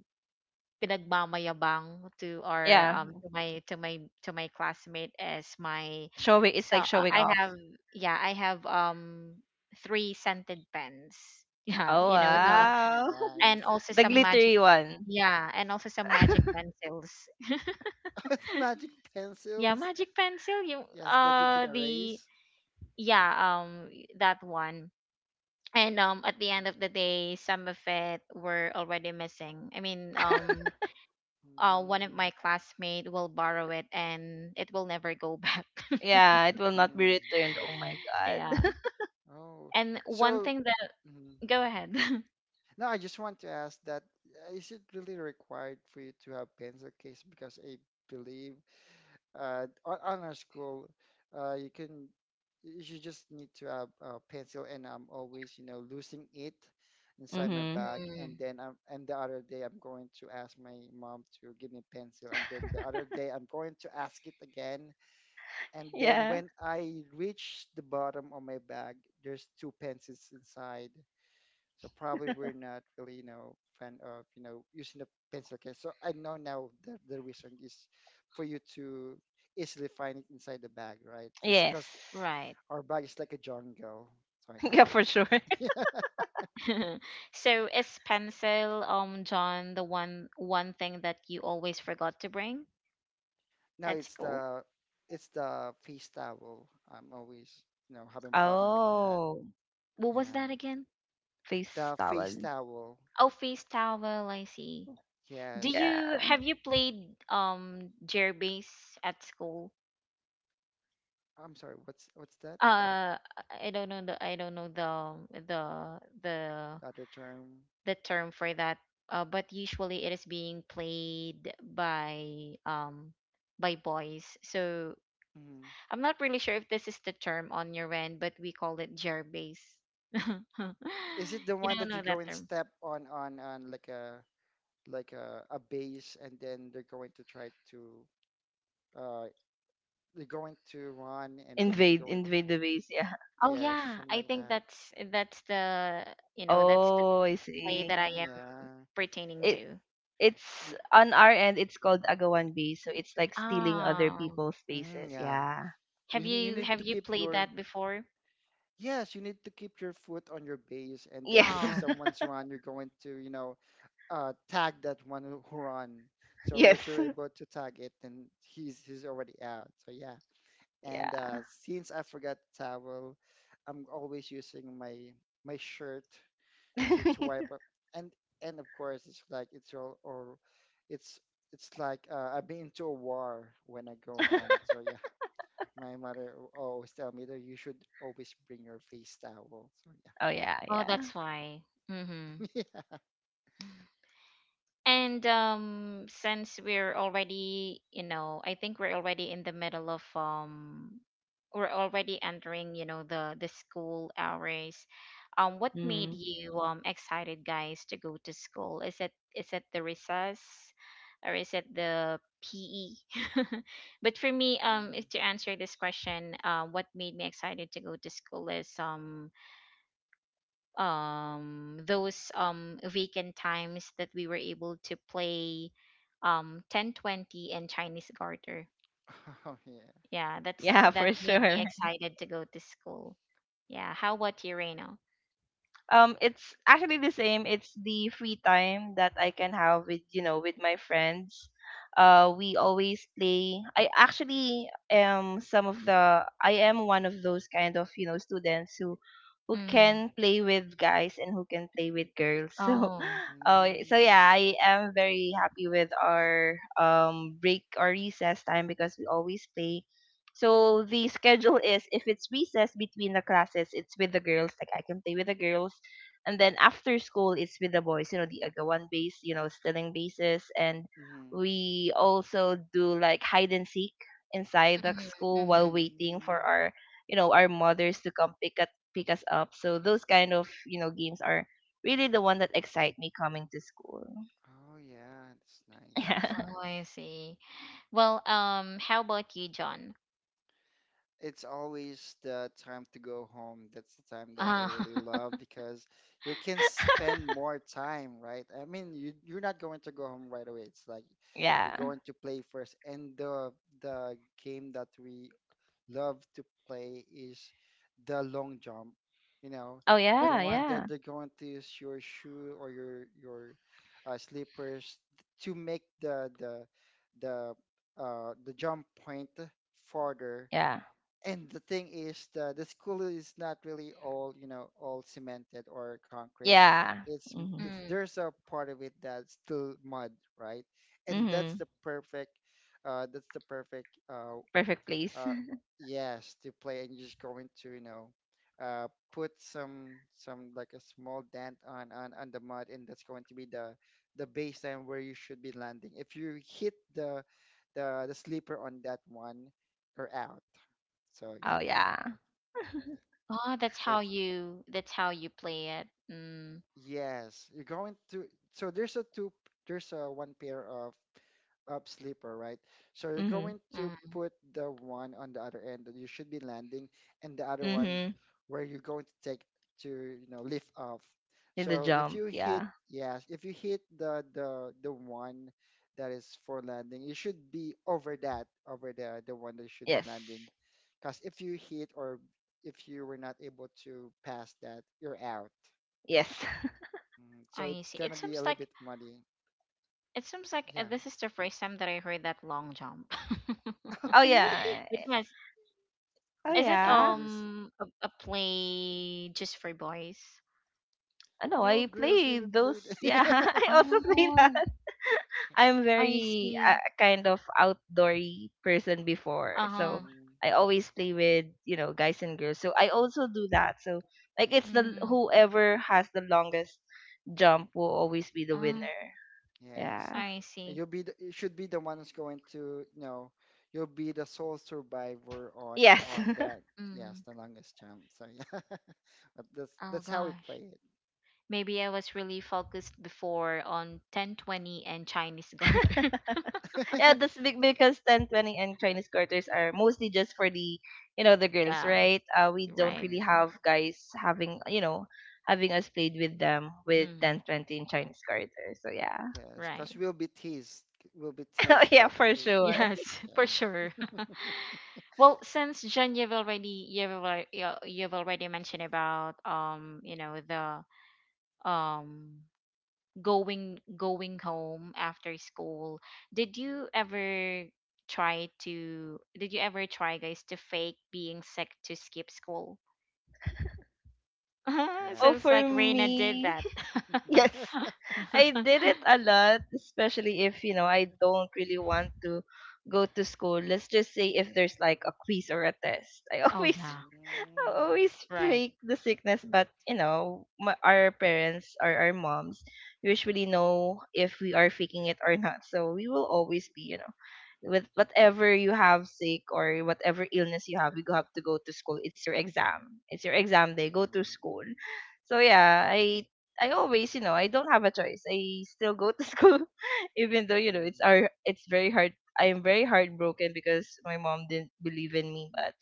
[SPEAKER 1] pinagmamayabang to our,
[SPEAKER 3] Yeah.
[SPEAKER 1] um to my to my to my classmate as my.
[SPEAKER 2] Mm.
[SPEAKER 3] Showing, it's
[SPEAKER 1] So,
[SPEAKER 3] like
[SPEAKER 1] uh,
[SPEAKER 3] showing
[SPEAKER 1] I
[SPEAKER 3] off.
[SPEAKER 1] have, yeah, I have um three scented pens, yeah,
[SPEAKER 3] Oh
[SPEAKER 1] you know,
[SPEAKER 2] Oh,
[SPEAKER 1] the.
[SPEAKER 3] wow.
[SPEAKER 2] nice.
[SPEAKER 1] And also
[SPEAKER 3] The
[SPEAKER 1] some magic,
[SPEAKER 3] glittery one.
[SPEAKER 1] yeah, and also some magic pencils.
[SPEAKER 2] Are the magic
[SPEAKER 1] Yeah,
[SPEAKER 2] pencils.
[SPEAKER 1] magic pencil, you
[SPEAKER 2] Yes, that you can
[SPEAKER 1] uh the
[SPEAKER 2] erase.
[SPEAKER 1] yeah um that one. And um at the end of the day, some of it were already missing. I mean, um uh one of
[SPEAKER 2] Mm,
[SPEAKER 1] my classmates will borrow it and it will never go back.
[SPEAKER 3] Yeah, it will
[SPEAKER 2] mm,
[SPEAKER 3] not be
[SPEAKER 2] mm,
[SPEAKER 3] returned.
[SPEAKER 2] yeah.
[SPEAKER 3] Oh my
[SPEAKER 1] Yeah,
[SPEAKER 3] god.
[SPEAKER 2] Oh,
[SPEAKER 1] and one
[SPEAKER 2] so,
[SPEAKER 1] thing that,
[SPEAKER 2] mm.
[SPEAKER 1] go ahead.
[SPEAKER 2] Now I just want to ask that, uh, is it really required for you to have pencil case? Because I believe, uh, on online school, uh, you can you should just need to have a pencil, and I'm always you know losing it inside my
[SPEAKER 3] Mm-hmm.
[SPEAKER 2] bag, and
[SPEAKER 1] Mm,
[SPEAKER 2] then I'm and the other day I'm going to ask my mom to give me pencil, and then the other day I'm going to ask it again, and then
[SPEAKER 3] Yeah.
[SPEAKER 2] when I reach the bottom of my bag, there's two pencils inside. So probably we're not really, you know, fan of, you know, using a pencil case. So I know now the, the reason is for you to easily find it inside the bag, right? Just because
[SPEAKER 3] Yes.
[SPEAKER 1] right.
[SPEAKER 2] our bag is like a jungle. So
[SPEAKER 3] Yeah, for sure.
[SPEAKER 2] yeah.
[SPEAKER 1] So, is pencil, um John, the one one thing that you always forgot to bring
[SPEAKER 2] Now,
[SPEAKER 1] at
[SPEAKER 2] it's
[SPEAKER 1] school?
[SPEAKER 2] the it's the face towel. I'm always, you know, having problem with that.
[SPEAKER 3] Oh,
[SPEAKER 1] What was
[SPEAKER 2] Yeah.
[SPEAKER 1] that again?
[SPEAKER 3] face
[SPEAKER 2] The face
[SPEAKER 3] towel.
[SPEAKER 2] towel.
[SPEAKER 1] Oh, face towel, I see. Do
[SPEAKER 2] Yes.
[SPEAKER 1] you
[SPEAKER 3] Yeah.
[SPEAKER 1] Have you played um jerbees at school?
[SPEAKER 2] I'm sorry, what's what's that?
[SPEAKER 1] uh I don't know the I don't know the the the
[SPEAKER 2] The other term.
[SPEAKER 1] the term for that. uh, but usually it is being played by um by boys, so.
[SPEAKER 2] Mhm.
[SPEAKER 1] I'm not really sure if this is the term on your end, but we call it jerbass.
[SPEAKER 2] Is it the
[SPEAKER 1] You
[SPEAKER 2] one
[SPEAKER 1] don't
[SPEAKER 2] that
[SPEAKER 1] know
[SPEAKER 2] you
[SPEAKER 1] that
[SPEAKER 2] go and
[SPEAKER 1] term?
[SPEAKER 2] step on on on like a like a, a base, and then they're going to try to uh they're going to run and then they're
[SPEAKER 3] Invade,
[SPEAKER 2] going to,
[SPEAKER 3] invade the base. Yeah.
[SPEAKER 1] Oh
[SPEAKER 2] yes,
[SPEAKER 1] yeah,
[SPEAKER 2] something
[SPEAKER 1] I
[SPEAKER 2] like
[SPEAKER 1] think
[SPEAKER 2] that.
[SPEAKER 1] that's that's the you know that's the
[SPEAKER 3] Oh, I
[SPEAKER 1] play that
[SPEAKER 3] see.
[SPEAKER 1] I
[SPEAKER 2] Mm,
[SPEAKER 1] am
[SPEAKER 2] yeah.
[SPEAKER 1] pertaining
[SPEAKER 3] It,
[SPEAKER 1] to.
[SPEAKER 3] it's on our end, it's called agawan bay, so it's like stealing other
[SPEAKER 1] Ah,
[SPEAKER 3] people's
[SPEAKER 2] Mm,
[SPEAKER 3] spaces,
[SPEAKER 2] yeah.
[SPEAKER 3] yeah.
[SPEAKER 1] have
[SPEAKER 2] you, you
[SPEAKER 1] you
[SPEAKER 2] need
[SPEAKER 1] have
[SPEAKER 2] to
[SPEAKER 1] you
[SPEAKER 2] keep
[SPEAKER 1] played
[SPEAKER 2] your
[SPEAKER 1] that before?
[SPEAKER 2] Yes, you need to keep your foot on your base, and then if
[SPEAKER 3] Yes.
[SPEAKER 1] Oh.
[SPEAKER 2] someone's run, you're going to, you know uh tag that one who who run. So if
[SPEAKER 3] Yes.
[SPEAKER 2] you're able to tag it, then he's he's already out. So yeah. And uh
[SPEAKER 3] Yeah.
[SPEAKER 2] since I forgot towel, I'm always using my my shirt to to wipe up, and and of course, it's like it's all or it's it's like uh, I've been to a war when I go home. So yeah, my mother al- always tell me that you should always bring your face towel. So yeah,
[SPEAKER 3] Oh yeah,
[SPEAKER 1] Oh,
[SPEAKER 3] yeah.
[SPEAKER 1] that's why. Mm-hmm.
[SPEAKER 2] yeah.
[SPEAKER 1] And um, since we're already, you know, I think we're already in the middle of, um, we're already entering, you know, the the school hours. Um, what made
[SPEAKER 3] Mm.
[SPEAKER 1] you um excited, guys, to go to school? Is it is it the recess, or is it the P E? But for me, um,
[SPEAKER 2] Um,
[SPEAKER 1] if to answer this question, uh, what made me excited to go to school is, um um those um vacant times that we were able to play, um ten twenty and Chinese garter.
[SPEAKER 2] oh yeah.
[SPEAKER 1] Yeah, that's
[SPEAKER 3] Yeah,
[SPEAKER 1] that
[SPEAKER 3] for
[SPEAKER 1] made me
[SPEAKER 3] sure.
[SPEAKER 1] excited to go to school. Yeah, how about you, Reno?
[SPEAKER 3] Um it's actually the same. It's the free time that I can have with, you know, with my friends. Uh we always play. I actually am some of the I am one of those kind of, you know, students who who
[SPEAKER 1] Mm-hmm.
[SPEAKER 3] can play with guys and who can play with girls, so,
[SPEAKER 1] Oh,
[SPEAKER 3] uh, so
[SPEAKER 2] Mm,
[SPEAKER 3] yeah, I am very happy with our um break or recess time because we always play. So the schedule is if it's recess between the classes, it's with the girls. Like I can play with the girls, and then after school it's with the boys, you know, the agawan base, you know, stealing bases. And
[SPEAKER 2] mm,
[SPEAKER 3] we also do like hide and seek inside the
[SPEAKER 1] mm-hmm,
[SPEAKER 3] school
[SPEAKER 1] mm-hmm.
[SPEAKER 3] while waiting for
[SPEAKER 2] mm.
[SPEAKER 3] our, you know, our mothers to come pick up pick us up. So those kind of, you know, games are really the one that excite me coming to school.
[SPEAKER 2] Oh yeah, that's nice.
[SPEAKER 3] Yeah.
[SPEAKER 2] That's
[SPEAKER 1] Oh,
[SPEAKER 2] nice.
[SPEAKER 1] I see. Well, um, how about you, John?
[SPEAKER 2] It's always the time to go home. That's the time that I
[SPEAKER 1] Uh,
[SPEAKER 2] really love because you can spend more time, right? I mean, you you're not going to go home right away. It's like you're
[SPEAKER 3] Yeah.
[SPEAKER 2] going to play first. And the the game that we love to play is the long jump, you know,
[SPEAKER 3] Oh
[SPEAKER 2] the
[SPEAKER 3] yeah,
[SPEAKER 1] what's.
[SPEAKER 2] one
[SPEAKER 3] yeah.
[SPEAKER 2] that they're going to use your shoe or your your uh, slippers to make the the the uh, the jump point farther.
[SPEAKER 3] Yeah.
[SPEAKER 2] And the thing is, the the school is not really all you know all cemented or concrete.
[SPEAKER 3] Yeah.
[SPEAKER 2] It's m-
[SPEAKER 3] Mm-hmm.
[SPEAKER 2] it's
[SPEAKER 1] Mm.
[SPEAKER 2] There's a part of it that's still mud, right? And
[SPEAKER 3] Mm-hmm.
[SPEAKER 2] that's the perfect, uh that's the perfect uh
[SPEAKER 3] Perfect place.
[SPEAKER 2] uh yes, to play. And you're just going to you know uh put some some like a small dent on on on the mud, and that's going to be the the baseline where you should be landing. If you hit the the the sleeper on that one, you're out. So yeah.
[SPEAKER 3] Oh yeah.
[SPEAKER 1] Oh, that's how
[SPEAKER 2] So it's,
[SPEAKER 1] you that's how you play it. Mm.
[SPEAKER 2] yes, you're going to. So there's a two. There's a one pair of up sleeper, right? So you're
[SPEAKER 3] Mm-hmm.
[SPEAKER 2] going to
[SPEAKER 1] Mm.
[SPEAKER 2] put the one on the other end that you should be landing, and the other one
[SPEAKER 3] Mm-hmm.
[SPEAKER 2] where you're going to take to you know lift off.
[SPEAKER 3] In the
[SPEAKER 2] So if
[SPEAKER 3] jump,
[SPEAKER 2] you hit,
[SPEAKER 3] yeah.
[SPEAKER 2] yes, if you hit the the the one that is for landing, you should be over that, over the the one that you should be
[SPEAKER 3] Yes.
[SPEAKER 2] landing, because if you hit, or if you were not able to pass that, you're out.
[SPEAKER 3] Yes.
[SPEAKER 2] Mm, so it's
[SPEAKER 1] I see.
[SPEAKER 2] gonna
[SPEAKER 1] It
[SPEAKER 2] be a little
[SPEAKER 1] seems
[SPEAKER 2] bit
[SPEAKER 1] like
[SPEAKER 2] muddy.
[SPEAKER 1] It seems like,
[SPEAKER 2] Yeah.
[SPEAKER 1] uh, this is the first time that I heard that long jump.
[SPEAKER 2] Oh,
[SPEAKER 3] Oh
[SPEAKER 2] really?
[SPEAKER 3] yeah.
[SPEAKER 1] But yes,
[SPEAKER 3] Oh
[SPEAKER 2] It
[SPEAKER 1] is it
[SPEAKER 3] yeah.
[SPEAKER 2] really is.
[SPEAKER 1] um a, a play just for boys?
[SPEAKER 3] I know
[SPEAKER 2] No
[SPEAKER 3] I
[SPEAKER 2] girls
[SPEAKER 3] play
[SPEAKER 2] even played.
[SPEAKER 3] those. Yeah, I also play that.
[SPEAKER 1] Oh,
[SPEAKER 3] I'm
[SPEAKER 1] I
[SPEAKER 3] very uh,
[SPEAKER 1] see.
[SPEAKER 3] kind of outdoory person before, so
[SPEAKER 1] Uh-huh.
[SPEAKER 2] Mm,
[SPEAKER 3] I always play with, you know, guys and girls. So I also do that. So, like, it's the
[SPEAKER 1] Mm,
[SPEAKER 3] whoever has the longest jump will always be the
[SPEAKER 1] uh,
[SPEAKER 3] winner.
[SPEAKER 2] yes.
[SPEAKER 3] Yeah.
[SPEAKER 1] I
[SPEAKER 2] And you'll
[SPEAKER 1] see.
[SPEAKER 2] be the, you should be the one who's going to, you know, you'll be the sole survivor on
[SPEAKER 3] Yes.
[SPEAKER 2] on that. Yes,
[SPEAKER 1] Mm,
[SPEAKER 2] the longest jump. So yeah, but that's
[SPEAKER 1] oh
[SPEAKER 2] that's how we
[SPEAKER 1] gosh.
[SPEAKER 2] play
[SPEAKER 1] Maybe I was really focused before on ten twenty and Chinese Garter.
[SPEAKER 3] Yeah,
[SPEAKER 2] it.
[SPEAKER 3] that's big because ten twenty and Chinese quarters are mostly just for the, you know, the girls,
[SPEAKER 1] Yeah,
[SPEAKER 3] right? Uh, we don't
[SPEAKER 1] right.
[SPEAKER 3] really
[SPEAKER 2] Mm, yeah.
[SPEAKER 3] have guys having, you know, having us played with them with ten
[SPEAKER 1] Mm,
[SPEAKER 3] twenty and Chinese quarters. So yeah,
[SPEAKER 2] Yes, because
[SPEAKER 1] right.
[SPEAKER 2] we'll be teased. We'll be teased
[SPEAKER 3] yeah,
[SPEAKER 2] that
[SPEAKER 3] for
[SPEAKER 2] we.
[SPEAKER 3] sure.
[SPEAKER 1] Yes, for
[SPEAKER 2] Yeah.
[SPEAKER 1] sure. Well, since Jen, you've already you've already you've already mentioned about, um you know, the um going, going home after school. Did you ever try to did you ever try, guys, to fake being sick to skip school?
[SPEAKER 2] Yeah.
[SPEAKER 3] Oh,
[SPEAKER 2] Of
[SPEAKER 1] Sounds
[SPEAKER 3] for
[SPEAKER 1] like Reina
[SPEAKER 2] course.
[SPEAKER 1] did
[SPEAKER 3] me,
[SPEAKER 1] that.
[SPEAKER 3] yes. I did it a lot, especially if you know I don't really want to go to school. Let's just say if there's like a quiz or a test, I
[SPEAKER 1] Oh
[SPEAKER 3] always,
[SPEAKER 1] yeah,
[SPEAKER 3] I
[SPEAKER 2] Mm.
[SPEAKER 3] always
[SPEAKER 1] right,
[SPEAKER 3] fake the sickness. But you know, my, our parents or our moms usually know if we are faking it or not. So we will always be, you know, with whatever you have sick or whatever illness you have, you have to go to school. It's your exam. It's your exam day. Go to
[SPEAKER 2] Mm,
[SPEAKER 3] school. So yeah, I I always, you know, I don't have a choice. I still go to school, even though you
[SPEAKER 2] mm,
[SPEAKER 3] know it's
[SPEAKER 2] mm.
[SPEAKER 3] our it's very hard. I am very heartbroken because my mom didn't believe in me. But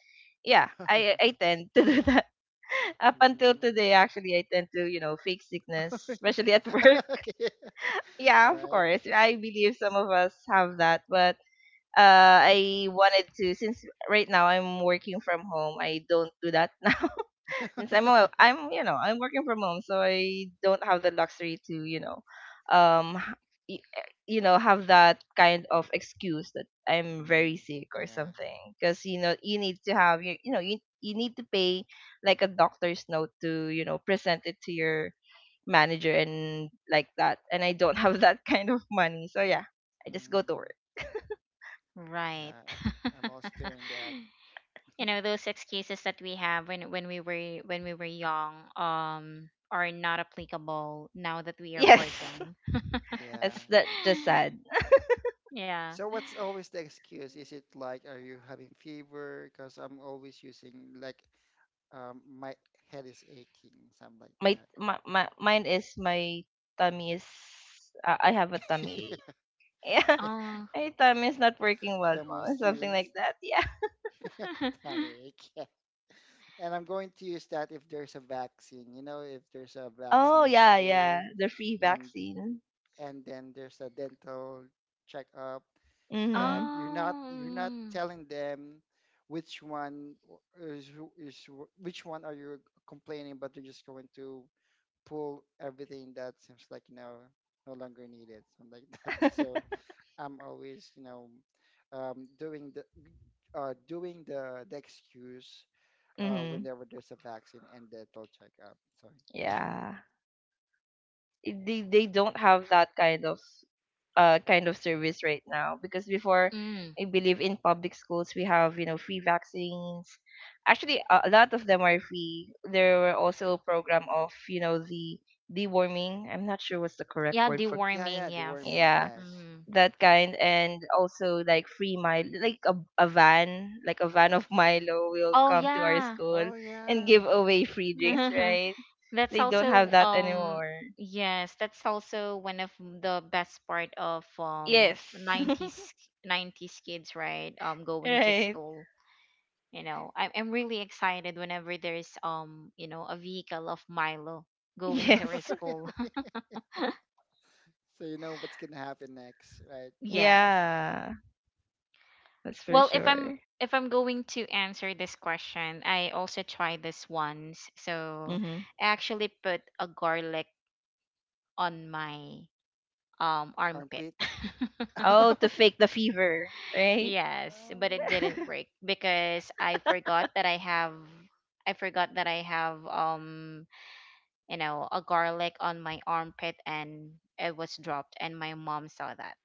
[SPEAKER 3] yeah, I I tend to do that up until today. Actually, I tend to, you know, fake
[SPEAKER 2] Oh,
[SPEAKER 3] sickness,
[SPEAKER 2] really?
[SPEAKER 3] especially at work.
[SPEAKER 2] Okay.
[SPEAKER 3] Yeah,
[SPEAKER 2] All
[SPEAKER 3] of
[SPEAKER 2] right.
[SPEAKER 3] course, I believe some of us have that, but. Uh, I wanted to, since right now I'm working from home. I don't do that now, since I'm a,
[SPEAKER 2] Yeah.
[SPEAKER 3] I'm, you know, I'm working from home, so I don't have the luxury to, you know, um, h- y- eh, you know, have that kind of excuse that I'm very
[SPEAKER 2] Mm,
[SPEAKER 3] sick or
[SPEAKER 2] yeah.
[SPEAKER 3] something. Because you know you need to have you you know you you need to pay like a doctor's note to, you know, present it to your manager and like that. And I don't have that kind of money, so yeah, I just go to
[SPEAKER 2] Mm.
[SPEAKER 3] work.
[SPEAKER 1] right.
[SPEAKER 2] Yeah. I'm also doing that.
[SPEAKER 1] You know, those excuses that we have when, when we were when we were young, um are not applicable now that we are
[SPEAKER 3] Yes,
[SPEAKER 1] working.
[SPEAKER 2] Yeah.
[SPEAKER 3] it's that just sad.
[SPEAKER 1] Yeah.
[SPEAKER 2] So what's always the excuse? Is it like, are you having fever? Because I'm always using, like, um, my head is aching, something like
[SPEAKER 3] My
[SPEAKER 2] that.
[SPEAKER 3] my, my mine is my tummy is, uh, I have a tummy ache. Yeah,
[SPEAKER 2] Yeah.
[SPEAKER 1] Oh.
[SPEAKER 3] my tummy is not working well,
[SPEAKER 2] The
[SPEAKER 3] mom.
[SPEAKER 2] most
[SPEAKER 3] Something like
[SPEAKER 2] used.
[SPEAKER 3] that. Yeah.
[SPEAKER 2] Tummy ache. Yeah. And I'm going to use that if there's a vaccine. You know, if there's a
[SPEAKER 3] Oh
[SPEAKER 2] vaccine at
[SPEAKER 3] yeah, yeah.
[SPEAKER 2] school
[SPEAKER 3] The free
[SPEAKER 2] and
[SPEAKER 3] vaccine.
[SPEAKER 2] and then there's a dental checkup that
[SPEAKER 3] Mhm.
[SPEAKER 2] you're not you're not
[SPEAKER 1] um
[SPEAKER 2] telling them which one is, is which one are you complaining, but they're just going to pull everything that seems like, you know, no longer needed, something like that. So I'm always, you know, um, doing the uh, doing the the excuse uh,
[SPEAKER 3] Mhm.
[SPEAKER 2] whenever there's a vaccine and dental checkup. Sorry. Yeah.
[SPEAKER 3] Yeah. It, they they don't have that kind of uh kind of service right now, because before
[SPEAKER 1] mm.
[SPEAKER 3] I believe in public schools we have, you know, free vaccines. Actually, a a lot of them are free. There were also a program of, you know, the deworming. I'm not sure what's the correct
[SPEAKER 1] Yeah,
[SPEAKER 3] word for,
[SPEAKER 2] Yeah,
[SPEAKER 1] deworming,
[SPEAKER 2] yeah, deworming,
[SPEAKER 1] yes.
[SPEAKER 3] yeah,
[SPEAKER 2] yes.
[SPEAKER 1] Mm.
[SPEAKER 3] that kind. And also like free mile, like a, a van, like a van of Milo will
[SPEAKER 1] Oh
[SPEAKER 3] come to our
[SPEAKER 1] yeah.
[SPEAKER 3] school
[SPEAKER 2] Oh
[SPEAKER 3] and
[SPEAKER 2] yeah.
[SPEAKER 3] give away free drinks, right?
[SPEAKER 1] that's
[SPEAKER 3] They don't
[SPEAKER 2] Mm-hmm.
[SPEAKER 3] have
[SPEAKER 1] also
[SPEAKER 3] that
[SPEAKER 1] um
[SPEAKER 3] anymore.
[SPEAKER 1] Yes, that's also one of the best part of um
[SPEAKER 3] Yes.
[SPEAKER 1] nineties nineties kids, right? Um, going to
[SPEAKER 3] Right.
[SPEAKER 1] school. You know, I'm, I'm really excited whenever there's um you know a vehicle of Milo going to our
[SPEAKER 3] Yes.
[SPEAKER 1] school.
[SPEAKER 2] Really? So you know what's gonna happen next, right?
[SPEAKER 1] Yes,
[SPEAKER 3] Yeah. That's for
[SPEAKER 1] well, if i'm
[SPEAKER 3] sure.
[SPEAKER 1] if I'm going to answer this question, I also tried this once, so.
[SPEAKER 3] Mm-hmm.
[SPEAKER 1] I actually put a garlic on my, um armpit.
[SPEAKER 2] Armpit.
[SPEAKER 3] Oh, to fake the fever, right?
[SPEAKER 1] Yes, but it
[SPEAKER 2] Oh.
[SPEAKER 1] didn't work because i forgot that i have I forgot that I have, um you know, a garlic on my armpit, and it was dropped and my mom saw that.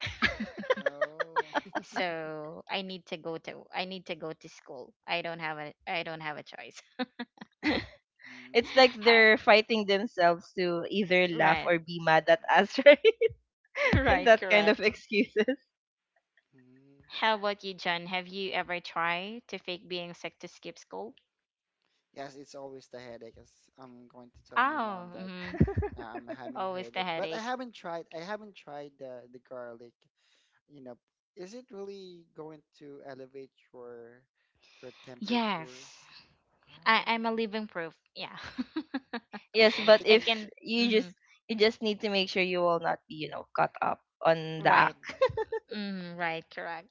[SPEAKER 2] Oh.
[SPEAKER 1] So I need to go to I need to go to school. I don't have a I don't have a choice.
[SPEAKER 3] It's
[SPEAKER 2] Mm,
[SPEAKER 3] like
[SPEAKER 1] How
[SPEAKER 3] they're fighting themselves to either laugh
[SPEAKER 1] Right.
[SPEAKER 3] or be mad at us, right?
[SPEAKER 1] Right,
[SPEAKER 3] That kind of
[SPEAKER 1] correct.
[SPEAKER 3] excuses.
[SPEAKER 2] mm.
[SPEAKER 1] How about you, John? Have you ever tried to fake being sick to skip school?
[SPEAKER 2] Yes, it's always the headache. As I'm going to tell my
[SPEAKER 1] Oh,
[SPEAKER 2] mom that
[SPEAKER 1] mm-hmm.
[SPEAKER 2] uh, I'm having
[SPEAKER 1] Always the
[SPEAKER 2] headache, but I
[SPEAKER 1] headache.
[SPEAKER 2] haven't tried. I haven't tried the the garlic. You know, is it really going to elevate your your temperature?
[SPEAKER 1] Yes, I, I'm a
[SPEAKER 2] Oh,
[SPEAKER 1] living proof. Yeah,
[SPEAKER 2] because
[SPEAKER 3] Yes,
[SPEAKER 2] I'm
[SPEAKER 3] but
[SPEAKER 1] it
[SPEAKER 2] thinking.
[SPEAKER 3] if
[SPEAKER 1] can.
[SPEAKER 3] you just,
[SPEAKER 1] Mm-hmm.
[SPEAKER 3] you just need to make sure you will not be, you know, caught up on the
[SPEAKER 1] Right.
[SPEAKER 3] act.
[SPEAKER 2] Mm-hmm.
[SPEAKER 1] Mm-hmm. Right. Correct.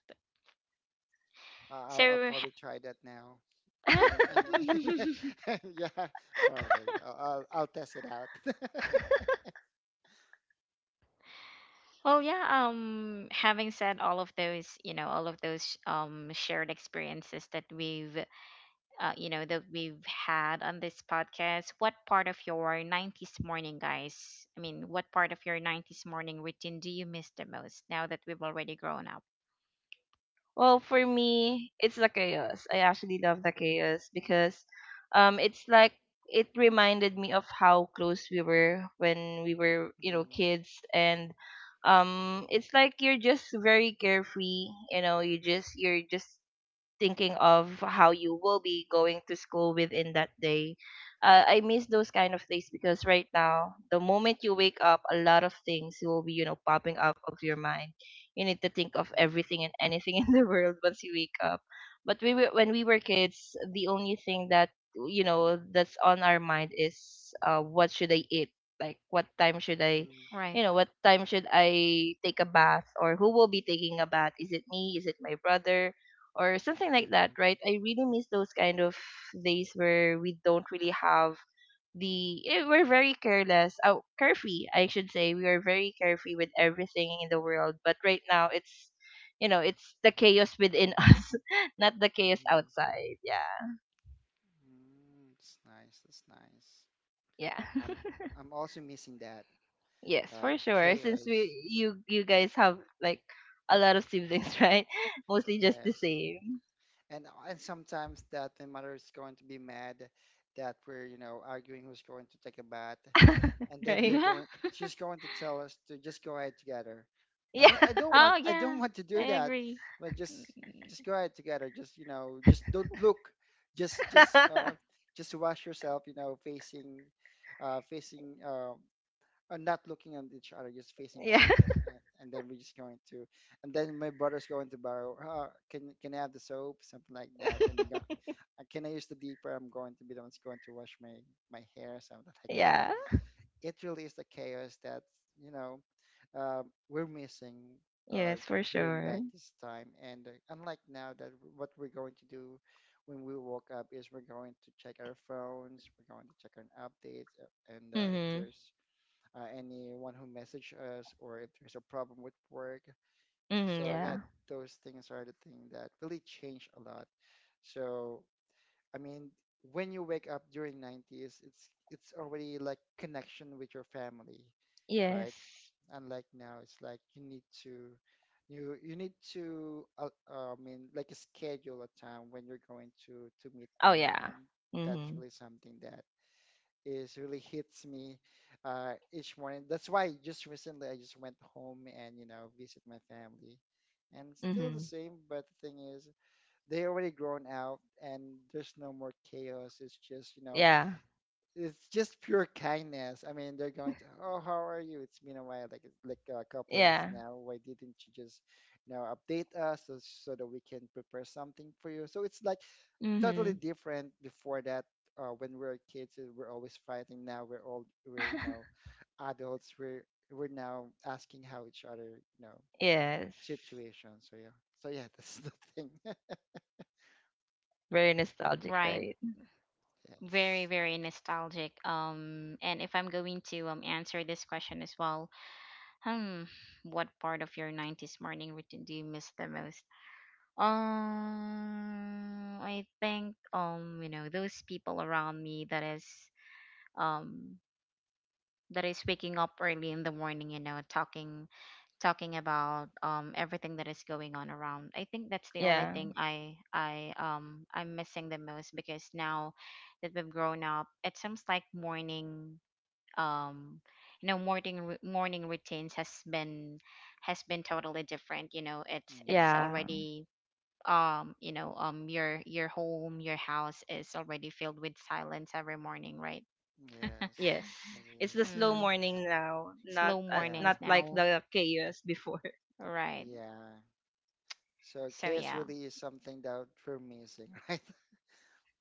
[SPEAKER 2] Uh, I'll, I'll
[SPEAKER 1] So,
[SPEAKER 2] probably try that now.
[SPEAKER 1] uh
[SPEAKER 2] And, and yeah, probably. I'll, I'll, I'll test it out.
[SPEAKER 1] well, yeah. Um, having said all of those, you know, all of those um shared experiences that we've, uh, you know, that we've had on this podcast, what part of your nineties morning, guys? I mean, what part of your nineties morning routine do you miss the most now that we've already grown up?
[SPEAKER 3] Well, for me, it's the chaos. I actually love the chaos because um it's like it reminded me of how close we were when we were, you know, kids. And um it's like you're just very carefree, you know, you just you're just thinking of how you will be going to school within that day. Uh, I miss those kind of days because right now, the moment you wake up, a lot of things will be, you know, popping up of your mind. You need to think of
[SPEAKER 2] Mm,
[SPEAKER 3] everything and anything in the world once you wake up. But we were, when we were kids, the only thing that, you know, that's on our mind is, uh, what should I eat? Like what time should I,
[SPEAKER 2] mm,
[SPEAKER 1] Right.
[SPEAKER 3] you know, what time should I take a bath, or who will be taking a bath? Is it me? Is it my brother? Or something
[SPEAKER 2] mm,
[SPEAKER 3] like that,
[SPEAKER 2] mm,
[SPEAKER 3] right? I really miss those kind of days where we don't really have the, eh, we're very careless oh carefree, I should say. We are very carefree with everything in the world, but right now it's, you know, it's the chaos within us, not the chaos
[SPEAKER 2] mhm,
[SPEAKER 3] outside, yeah.
[SPEAKER 2] mm. That's nice. That's nice.
[SPEAKER 3] Yeah.
[SPEAKER 2] I'm I'm also missing that
[SPEAKER 3] Yes,
[SPEAKER 2] uh,
[SPEAKER 3] for sure. Since
[SPEAKER 2] chaos.
[SPEAKER 3] we
[SPEAKER 2] y-
[SPEAKER 3] you you guys have like a lot of siblings, right? Mostly just the
[SPEAKER 2] Yes,
[SPEAKER 3] same.
[SPEAKER 2] and and sometimes that the mother is going to be mad that we're, you know, arguing who's going to take a bath, and then
[SPEAKER 3] Right.
[SPEAKER 2] they're
[SPEAKER 1] Yeah.
[SPEAKER 2] going, just going to tell us to just go ahead together. I
[SPEAKER 3] Yeah.
[SPEAKER 2] mean, i don't
[SPEAKER 1] Oh
[SPEAKER 2] want i
[SPEAKER 1] yeah,
[SPEAKER 2] don't want to do
[SPEAKER 1] I
[SPEAKER 2] that,
[SPEAKER 1] agree.
[SPEAKER 2] but just
[SPEAKER 1] Mm.
[SPEAKER 2] just go ahead together, just, you know, just don't look, just just uh just wash yourself, you know, facing uh facing uh uh, not looking at each other, just facing
[SPEAKER 3] Yeah.
[SPEAKER 2] away. And, and then we're just going to and then my brother's going to borrow, uh, can can I have the soap, something like that. And then go, uh, can I use the deeper? I'm going to be the one's going to wash my my hair, something like.
[SPEAKER 3] Yeah.
[SPEAKER 2] It really is the chaos that, you know, uh, we're missing uh,
[SPEAKER 3] Yes, for
[SPEAKER 2] during
[SPEAKER 3] sure.
[SPEAKER 2] nineties time. And uh, unlike now that what we're going to do when we woke up is we're going to check our phones, we're going to check on updates, uh, and uh, if
[SPEAKER 3] Mhm.
[SPEAKER 2] there's uh, anyone who messaged us, or if there's a problem with work.
[SPEAKER 3] Mhm,
[SPEAKER 2] So yeah,
[SPEAKER 3] yeah.
[SPEAKER 2] those things are the thing that really change a lot. So I mean, when you wake up during nineties, it's it's already like connection with your family, right?
[SPEAKER 3] Yes.
[SPEAKER 2] Unlike now, it's like you need to you you need to uh, uh, I mean, like schedule a time when you're going to to meet
[SPEAKER 3] Oh
[SPEAKER 2] them,
[SPEAKER 3] yeah.
[SPEAKER 2] and that's
[SPEAKER 3] Mhm.
[SPEAKER 2] really something that is really hits me uh, each morning. That's why just recently I just went home and, you know, visit my family, and it's still
[SPEAKER 3] Mhm.
[SPEAKER 2] the same. But the thing is, they already grown out and there's no more chaos. It's just, you know,
[SPEAKER 3] Yeah.
[SPEAKER 2] it's just pure kindness. I mean, they're going to, oh, how are you, it's been a while, like like a couple of weeks
[SPEAKER 3] Yeah.
[SPEAKER 2] now, why didn't you just, you know, update us, so so that we can prepare something for you. So it's like totally
[SPEAKER 3] Mhm.
[SPEAKER 2] different before that, uh, when we were kids, uh, we're always fighting. Now we're all, we're you know, adults, we're we're now asking how each other, you know,
[SPEAKER 3] Yes.
[SPEAKER 2] situation. So yeah, so yeah, that's the thing.
[SPEAKER 3] Very nostalgic,
[SPEAKER 1] Right.
[SPEAKER 3] right?
[SPEAKER 1] Very,
[SPEAKER 2] Yes.
[SPEAKER 1] very nostalgic. Um, and if I'm going to um answer this question as well, Hmm, what part of your nineties morning routine do you miss the most? Um, I think um, you know, those people around me that is um that is waking up early in the morning, you know, talking talking about um everything that is going on around. I think that's the only
[SPEAKER 3] Yeah.
[SPEAKER 1] thing I I um I'm missing the most because now that we've grown up, it seems like morning um you know morning ru- morning routines has been has been totally different. You know, it's
[SPEAKER 2] Mm,
[SPEAKER 1] it's
[SPEAKER 3] Yeah.
[SPEAKER 1] already um you know um your your home, your house is already filled with silence every morning, right?
[SPEAKER 2] yes,
[SPEAKER 3] Yes.
[SPEAKER 2] it
[SPEAKER 3] It's the
[SPEAKER 2] is.
[SPEAKER 3] slow
[SPEAKER 1] mm,
[SPEAKER 3] morning now, not
[SPEAKER 1] Slow
[SPEAKER 3] uh,
[SPEAKER 2] Yeah,
[SPEAKER 1] mornings
[SPEAKER 3] not like
[SPEAKER 1] now,
[SPEAKER 3] the chaos before.
[SPEAKER 1] right?
[SPEAKER 2] yeah. So
[SPEAKER 1] So
[SPEAKER 2] chaos
[SPEAKER 1] yeah,
[SPEAKER 2] really is something that we're missing, right?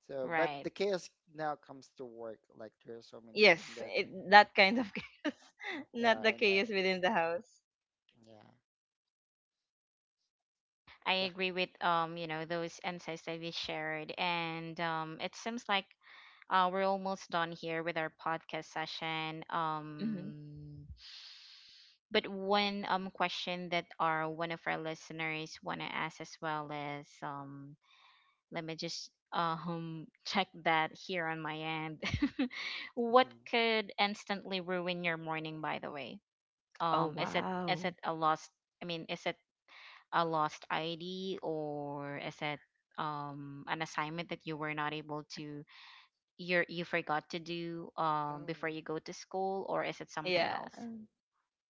[SPEAKER 2] So, but
[SPEAKER 1] right,
[SPEAKER 2] the chaos now comes to work. Like there are so many things
[SPEAKER 3] Yes,
[SPEAKER 2] that,
[SPEAKER 3] it, that kind of chaos,
[SPEAKER 2] yeah,
[SPEAKER 3] not the
[SPEAKER 2] and I,
[SPEAKER 3] chaos within the house.
[SPEAKER 2] yeah,
[SPEAKER 1] I
[SPEAKER 2] yeah.
[SPEAKER 1] agree with um you know those insights that we shared. And um it seems like, uh, we're almost done here with our podcast session.
[SPEAKER 3] Hmm.
[SPEAKER 1] Um, but one um question that our one of our listeners want to ask as well is, um, let me just um check that here on my end. What
[SPEAKER 2] Hmm.
[SPEAKER 1] could instantly ruin your morning? By the way,
[SPEAKER 3] Oh
[SPEAKER 1] um, is it is it
[SPEAKER 3] wow.
[SPEAKER 1] a lost? I mean, is it a lost I D, or is it um an assignment that you were not able to you're you forgot to do um
[SPEAKER 2] Oh.
[SPEAKER 1] before you go to school, or is it something
[SPEAKER 3] Yeah.
[SPEAKER 1] else?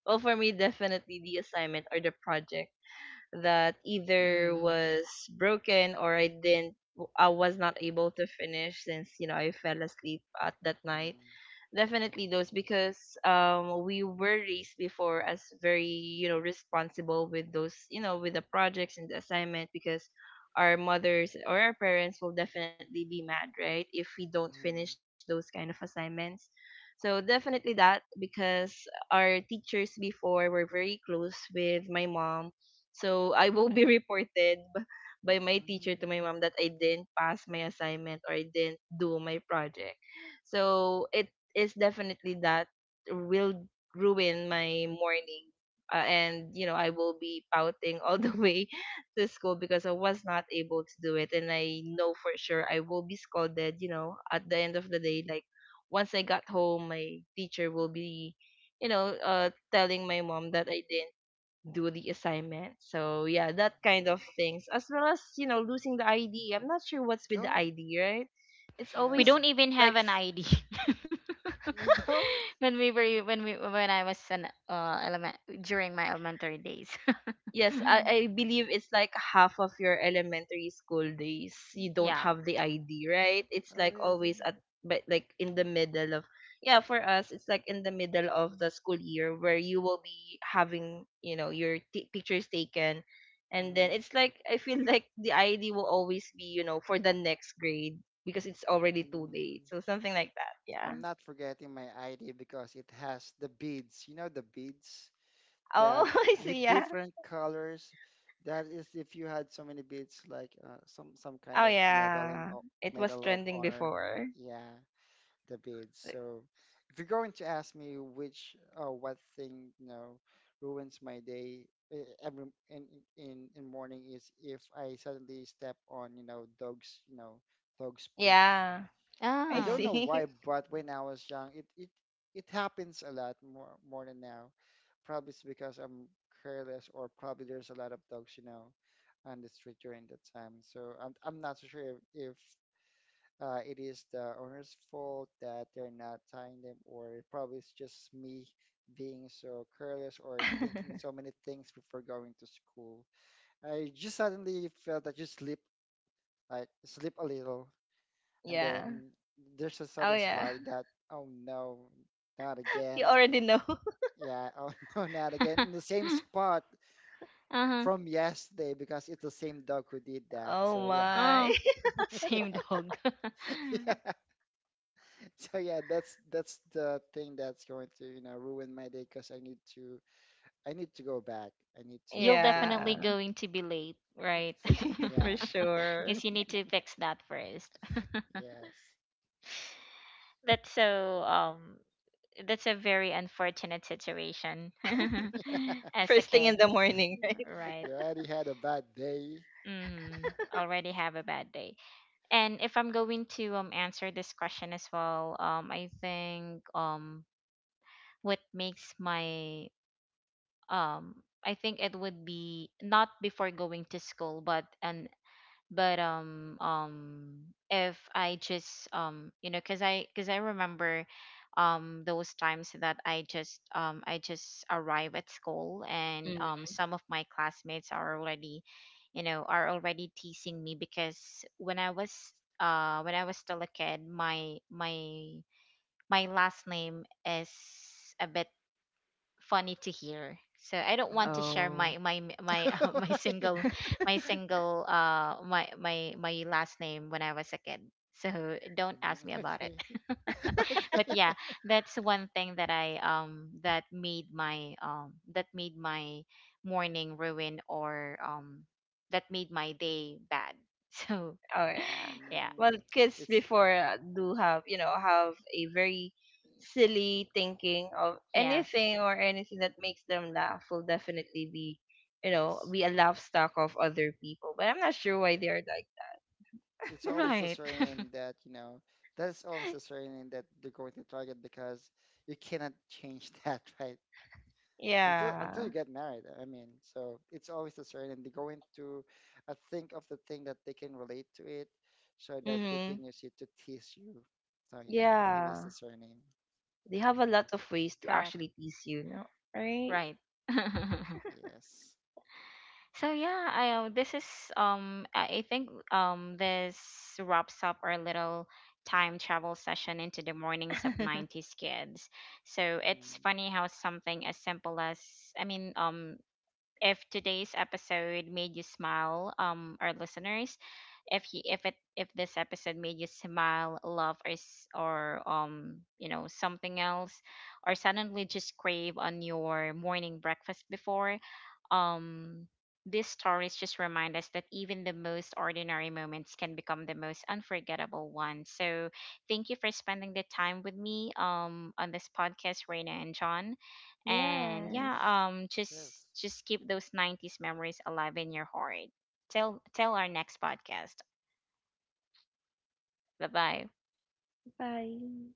[SPEAKER 3] Well, for me, definitely the assignment or the project that either
[SPEAKER 1] Mm.
[SPEAKER 3] was broken, or I didn't, I was not able to finish since, you know, I fell asleep at that night.
[SPEAKER 2] Mm,
[SPEAKER 3] Definitely those because um we were raised before as very, you know, responsible with those, you know, with the projects and the assignment because our mothers or our parents will definitely be mad, right? If we don't finish
[SPEAKER 2] mm,
[SPEAKER 3] those kind of assignments. So definitely that, because our teachers before were very close with my mom. So I will be reported b- by my teacher to
[SPEAKER 2] mm,
[SPEAKER 3] my mom that I didn't pass my assignment or I didn't do my project. So it is definitely that will ruin my morning. Uh, and you know I will be pouting all the way to school because I was not able to do it, and I know for sure I will be scolded. You know, at the end of the day, like once I got home, my teacher will be, you know, uh, telling my mom that I didn't do the assignment. So yeah, that kind
[SPEAKER 2] mm.
[SPEAKER 3] of things, as well as, you know, losing the I D. I'm not sure what's with the
[SPEAKER 2] Oh,
[SPEAKER 3] I D, right? It's
[SPEAKER 1] We
[SPEAKER 2] yeah.
[SPEAKER 3] always
[SPEAKER 1] don't even have
[SPEAKER 3] like,
[SPEAKER 1] an ID
[SPEAKER 2] You don't?
[SPEAKER 1] when we were when we when I was an uh element during my elementary days.
[SPEAKER 3] Yes, I, I believe
[SPEAKER 2] Mm,
[SPEAKER 3] it's like half of your elementary school days. You don't
[SPEAKER 1] Yeah.
[SPEAKER 3] have the I D, right? It's
[SPEAKER 2] oh,
[SPEAKER 3] like
[SPEAKER 2] really?
[SPEAKER 3] always at, but like in the middle of, yeah, for us it's like in the middle of the school year where you will be having, you know, your t- pictures taken, and then
[SPEAKER 2] Mm,
[SPEAKER 3] it's like I feel like the I D will always be, you know, for the next grade because it's already too late.
[SPEAKER 2] mm.
[SPEAKER 3] So something like that. Yeah.
[SPEAKER 2] I'm not forgetting my I D because it has the beads. You know the beads?
[SPEAKER 3] Oh,
[SPEAKER 2] That
[SPEAKER 3] I
[SPEAKER 2] with
[SPEAKER 3] see. Yeah.
[SPEAKER 2] different colors. That is if you had so many beads, like, uh, some some kind
[SPEAKER 3] Oh
[SPEAKER 2] of medal and
[SPEAKER 3] yeah.
[SPEAKER 2] o-
[SPEAKER 3] It was
[SPEAKER 2] medal of
[SPEAKER 3] trending
[SPEAKER 2] honor.
[SPEAKER 3] before.
[SPEAKER 2] Yeah, the beads.
[SPEAKER 3] Like.
[SPEAKER 2] So if you're going to ask me which, uh, what thing, you know, ruins my day, eh, every in in in morning is if I suddenly step on, you know, dogs, you know, dogs poop.
[SPEAKER 3] Yeah.
[SPEAKER 2] I
[SPEAKER 3] I
[SPEAKER 2] don't
[SPEAKER 1] Oh.
[SPEAKER 2] know why,
[SPEAKER 3] see.
[SPEAKER 2] but when I was young, it it it happens a lot more more than now. Probably it's because I'm careless, or probably there's a lot of dogs, you know, on the street during that time. So I'm I'm not so sure if, if uh, it is the owner's fault that they're not tying them, or probably it's just me being so careless, or thinking so many things before going to school. I just suddenly felt that you sleep, like sleep a little, and
[SPEAKER 3] Yeah.
[SPEAKER 2] then there's a
[SPEAKER 3] Oh
[SPEAKER 2] sudden
[SPEAKER 3] yeah.
[SPEAKER 2] slide that, oh no, not again.
[SPEAKER 3] You already know.
[SPEAKER 2] Yeah, oh, no, not again, in the same spot
[SPEAKER 1] Uh-huh.
[SPEAKER 2] from yesterday, because it's the same dog who did that.
[SPEAKER 3] Oh
[SPEAKER 2] So yeah.
[SPEAKER 3] my.
[SPEAKER 1] Oh, same dog.
[SPEAKER 2] Yeah, so yeah, that's that's the thing that's going to, you know, ruin my day, because I need to, i need to go back, I need to
[SPEAKER 1] You'll
[SPEAKER 2] clean
[SPEAKER 1] definitely
[SPEAKER 2] it.
[SPEAKER 3] Yeah.
[SPEAKER 1] going to be late, right?
[SPEAKER 2] Yeah.
[SPEAKER 3] For sure.
[SPEAKER 1] Because you need to fix that first.
[SPEAKER 2] Yes.
[SPEAKER 1] That's so um that's a very unfortunate situation as a
[SPEAKER 3] First thing
[SPEAKER 1] kid.
[SPEAKER 3] in the morning, right?
[SPEAKER 1] Right.
[SPEAKER 2] You already had a bad day.
[SPEAKER 1] Mm-hmm. Already have a bad day. And if I'm going to um answer this question as well, um I think, um what makes my um I think it would be not before going to school, but an but um um if I just um you know, because i because I remember um those times that I just um I just arrive at school and
[SPEAKER 3] Mm.
[SPEAKER 1] um some of my classmates are already, you know, are already teasing me, because when I was uh when I was still a kid, my my my last name is a bit funny to hear. So I don't want
[SPEAKER 2] Oh.
[SPEAKER 1] to share my
[SPEAKER 3] Oh.
[SPEAKER 1] my m- my uh, my single my single uh my my my last name when I was a kid. So don't
[SPEAKER 2] Mm,
[SPEAKER 1] ask me about it.
[SPEAKER 2] okay.
[SPEAKER 1] But
[SPEAKER 2] Okay.
[SPEAKER 1] yeah, that's one thing that I um that made my um that made my morning ruin, or um that made my day bad. So
[SPEAKER 3] Oh yeah.
[SPEAKER 1] yeah.
[SPEAKER 2] Mm,
[SPEAKER 3] Well, kids
[SPEAKER 2] it's
[SPEAKER 3] before, uh, do have, you know, have a very silly thinking of
[SPEAKER 1] Yes.
[SPEAKER 3] anything, or anything that makes them laugh will definitely be, you know,
[SPEAKER 2] yes.
[SPEAKER 3] be a laugh stock of other people. But I'm not sure why they are like
[SPEAKER 2] It's always a
[SPEAKER 1] Right.
[SPEAKER 2] surname that, you know, that's always a
[SPEAKER 3] that.
[SPEAKER 2] surname that they're going to target, because you cannot change that, right? Until until
[SPEAKER 3] Yeah.
[SPEAKER 2] you get married. I mean, so it's always a surname. They're going to, uh, think of the thing that they can relate to it so that they
[SPEAKER 3] Mhm.
[SPEAKER 2] can use it to tease you. So yeah, it is
[SPEAKER 3] Yeah.
[SPEAKER 2] the surname.
[SPEAKER 3] They have a lot of ways to
[SPEAKER 1] Correct.
[SPEAKER 3] actually tease you, no? Right?
[SPEAKER 1] Right.
[SPEAKER 2] Yes.
[SPEAKER 1] So yeah, I, uh, this is um I I think um this wraps up our little time travel session into the mornings of nineties kids. So it's
[SPEAKER 2] Mm,
[SPEAKER 1] funny how something as simple as, I mean, um if today's episode made you smile, um, our listeners, if he if it if this episode made you smile, laugh, or s- or um you know, something else, or suddenly just crave on your morning breakfast before, um these stories just remind us that even the most ordinary moments can become the most unforgettable ones. So thank you for spending the time with me um on this podcast, Reina and John. And
[SPEAKER 3] Yes.
[SPEAKER 1] yeah,
[SPEAKER 2] mhm.
[SPEAKER 1] um
[SPEAKER 2] Yes.
[SPEAKER 1] just just keep those nineties memories alive in your heart till till our next podcast. Bye bye.
[SPEAKER 3] Bye.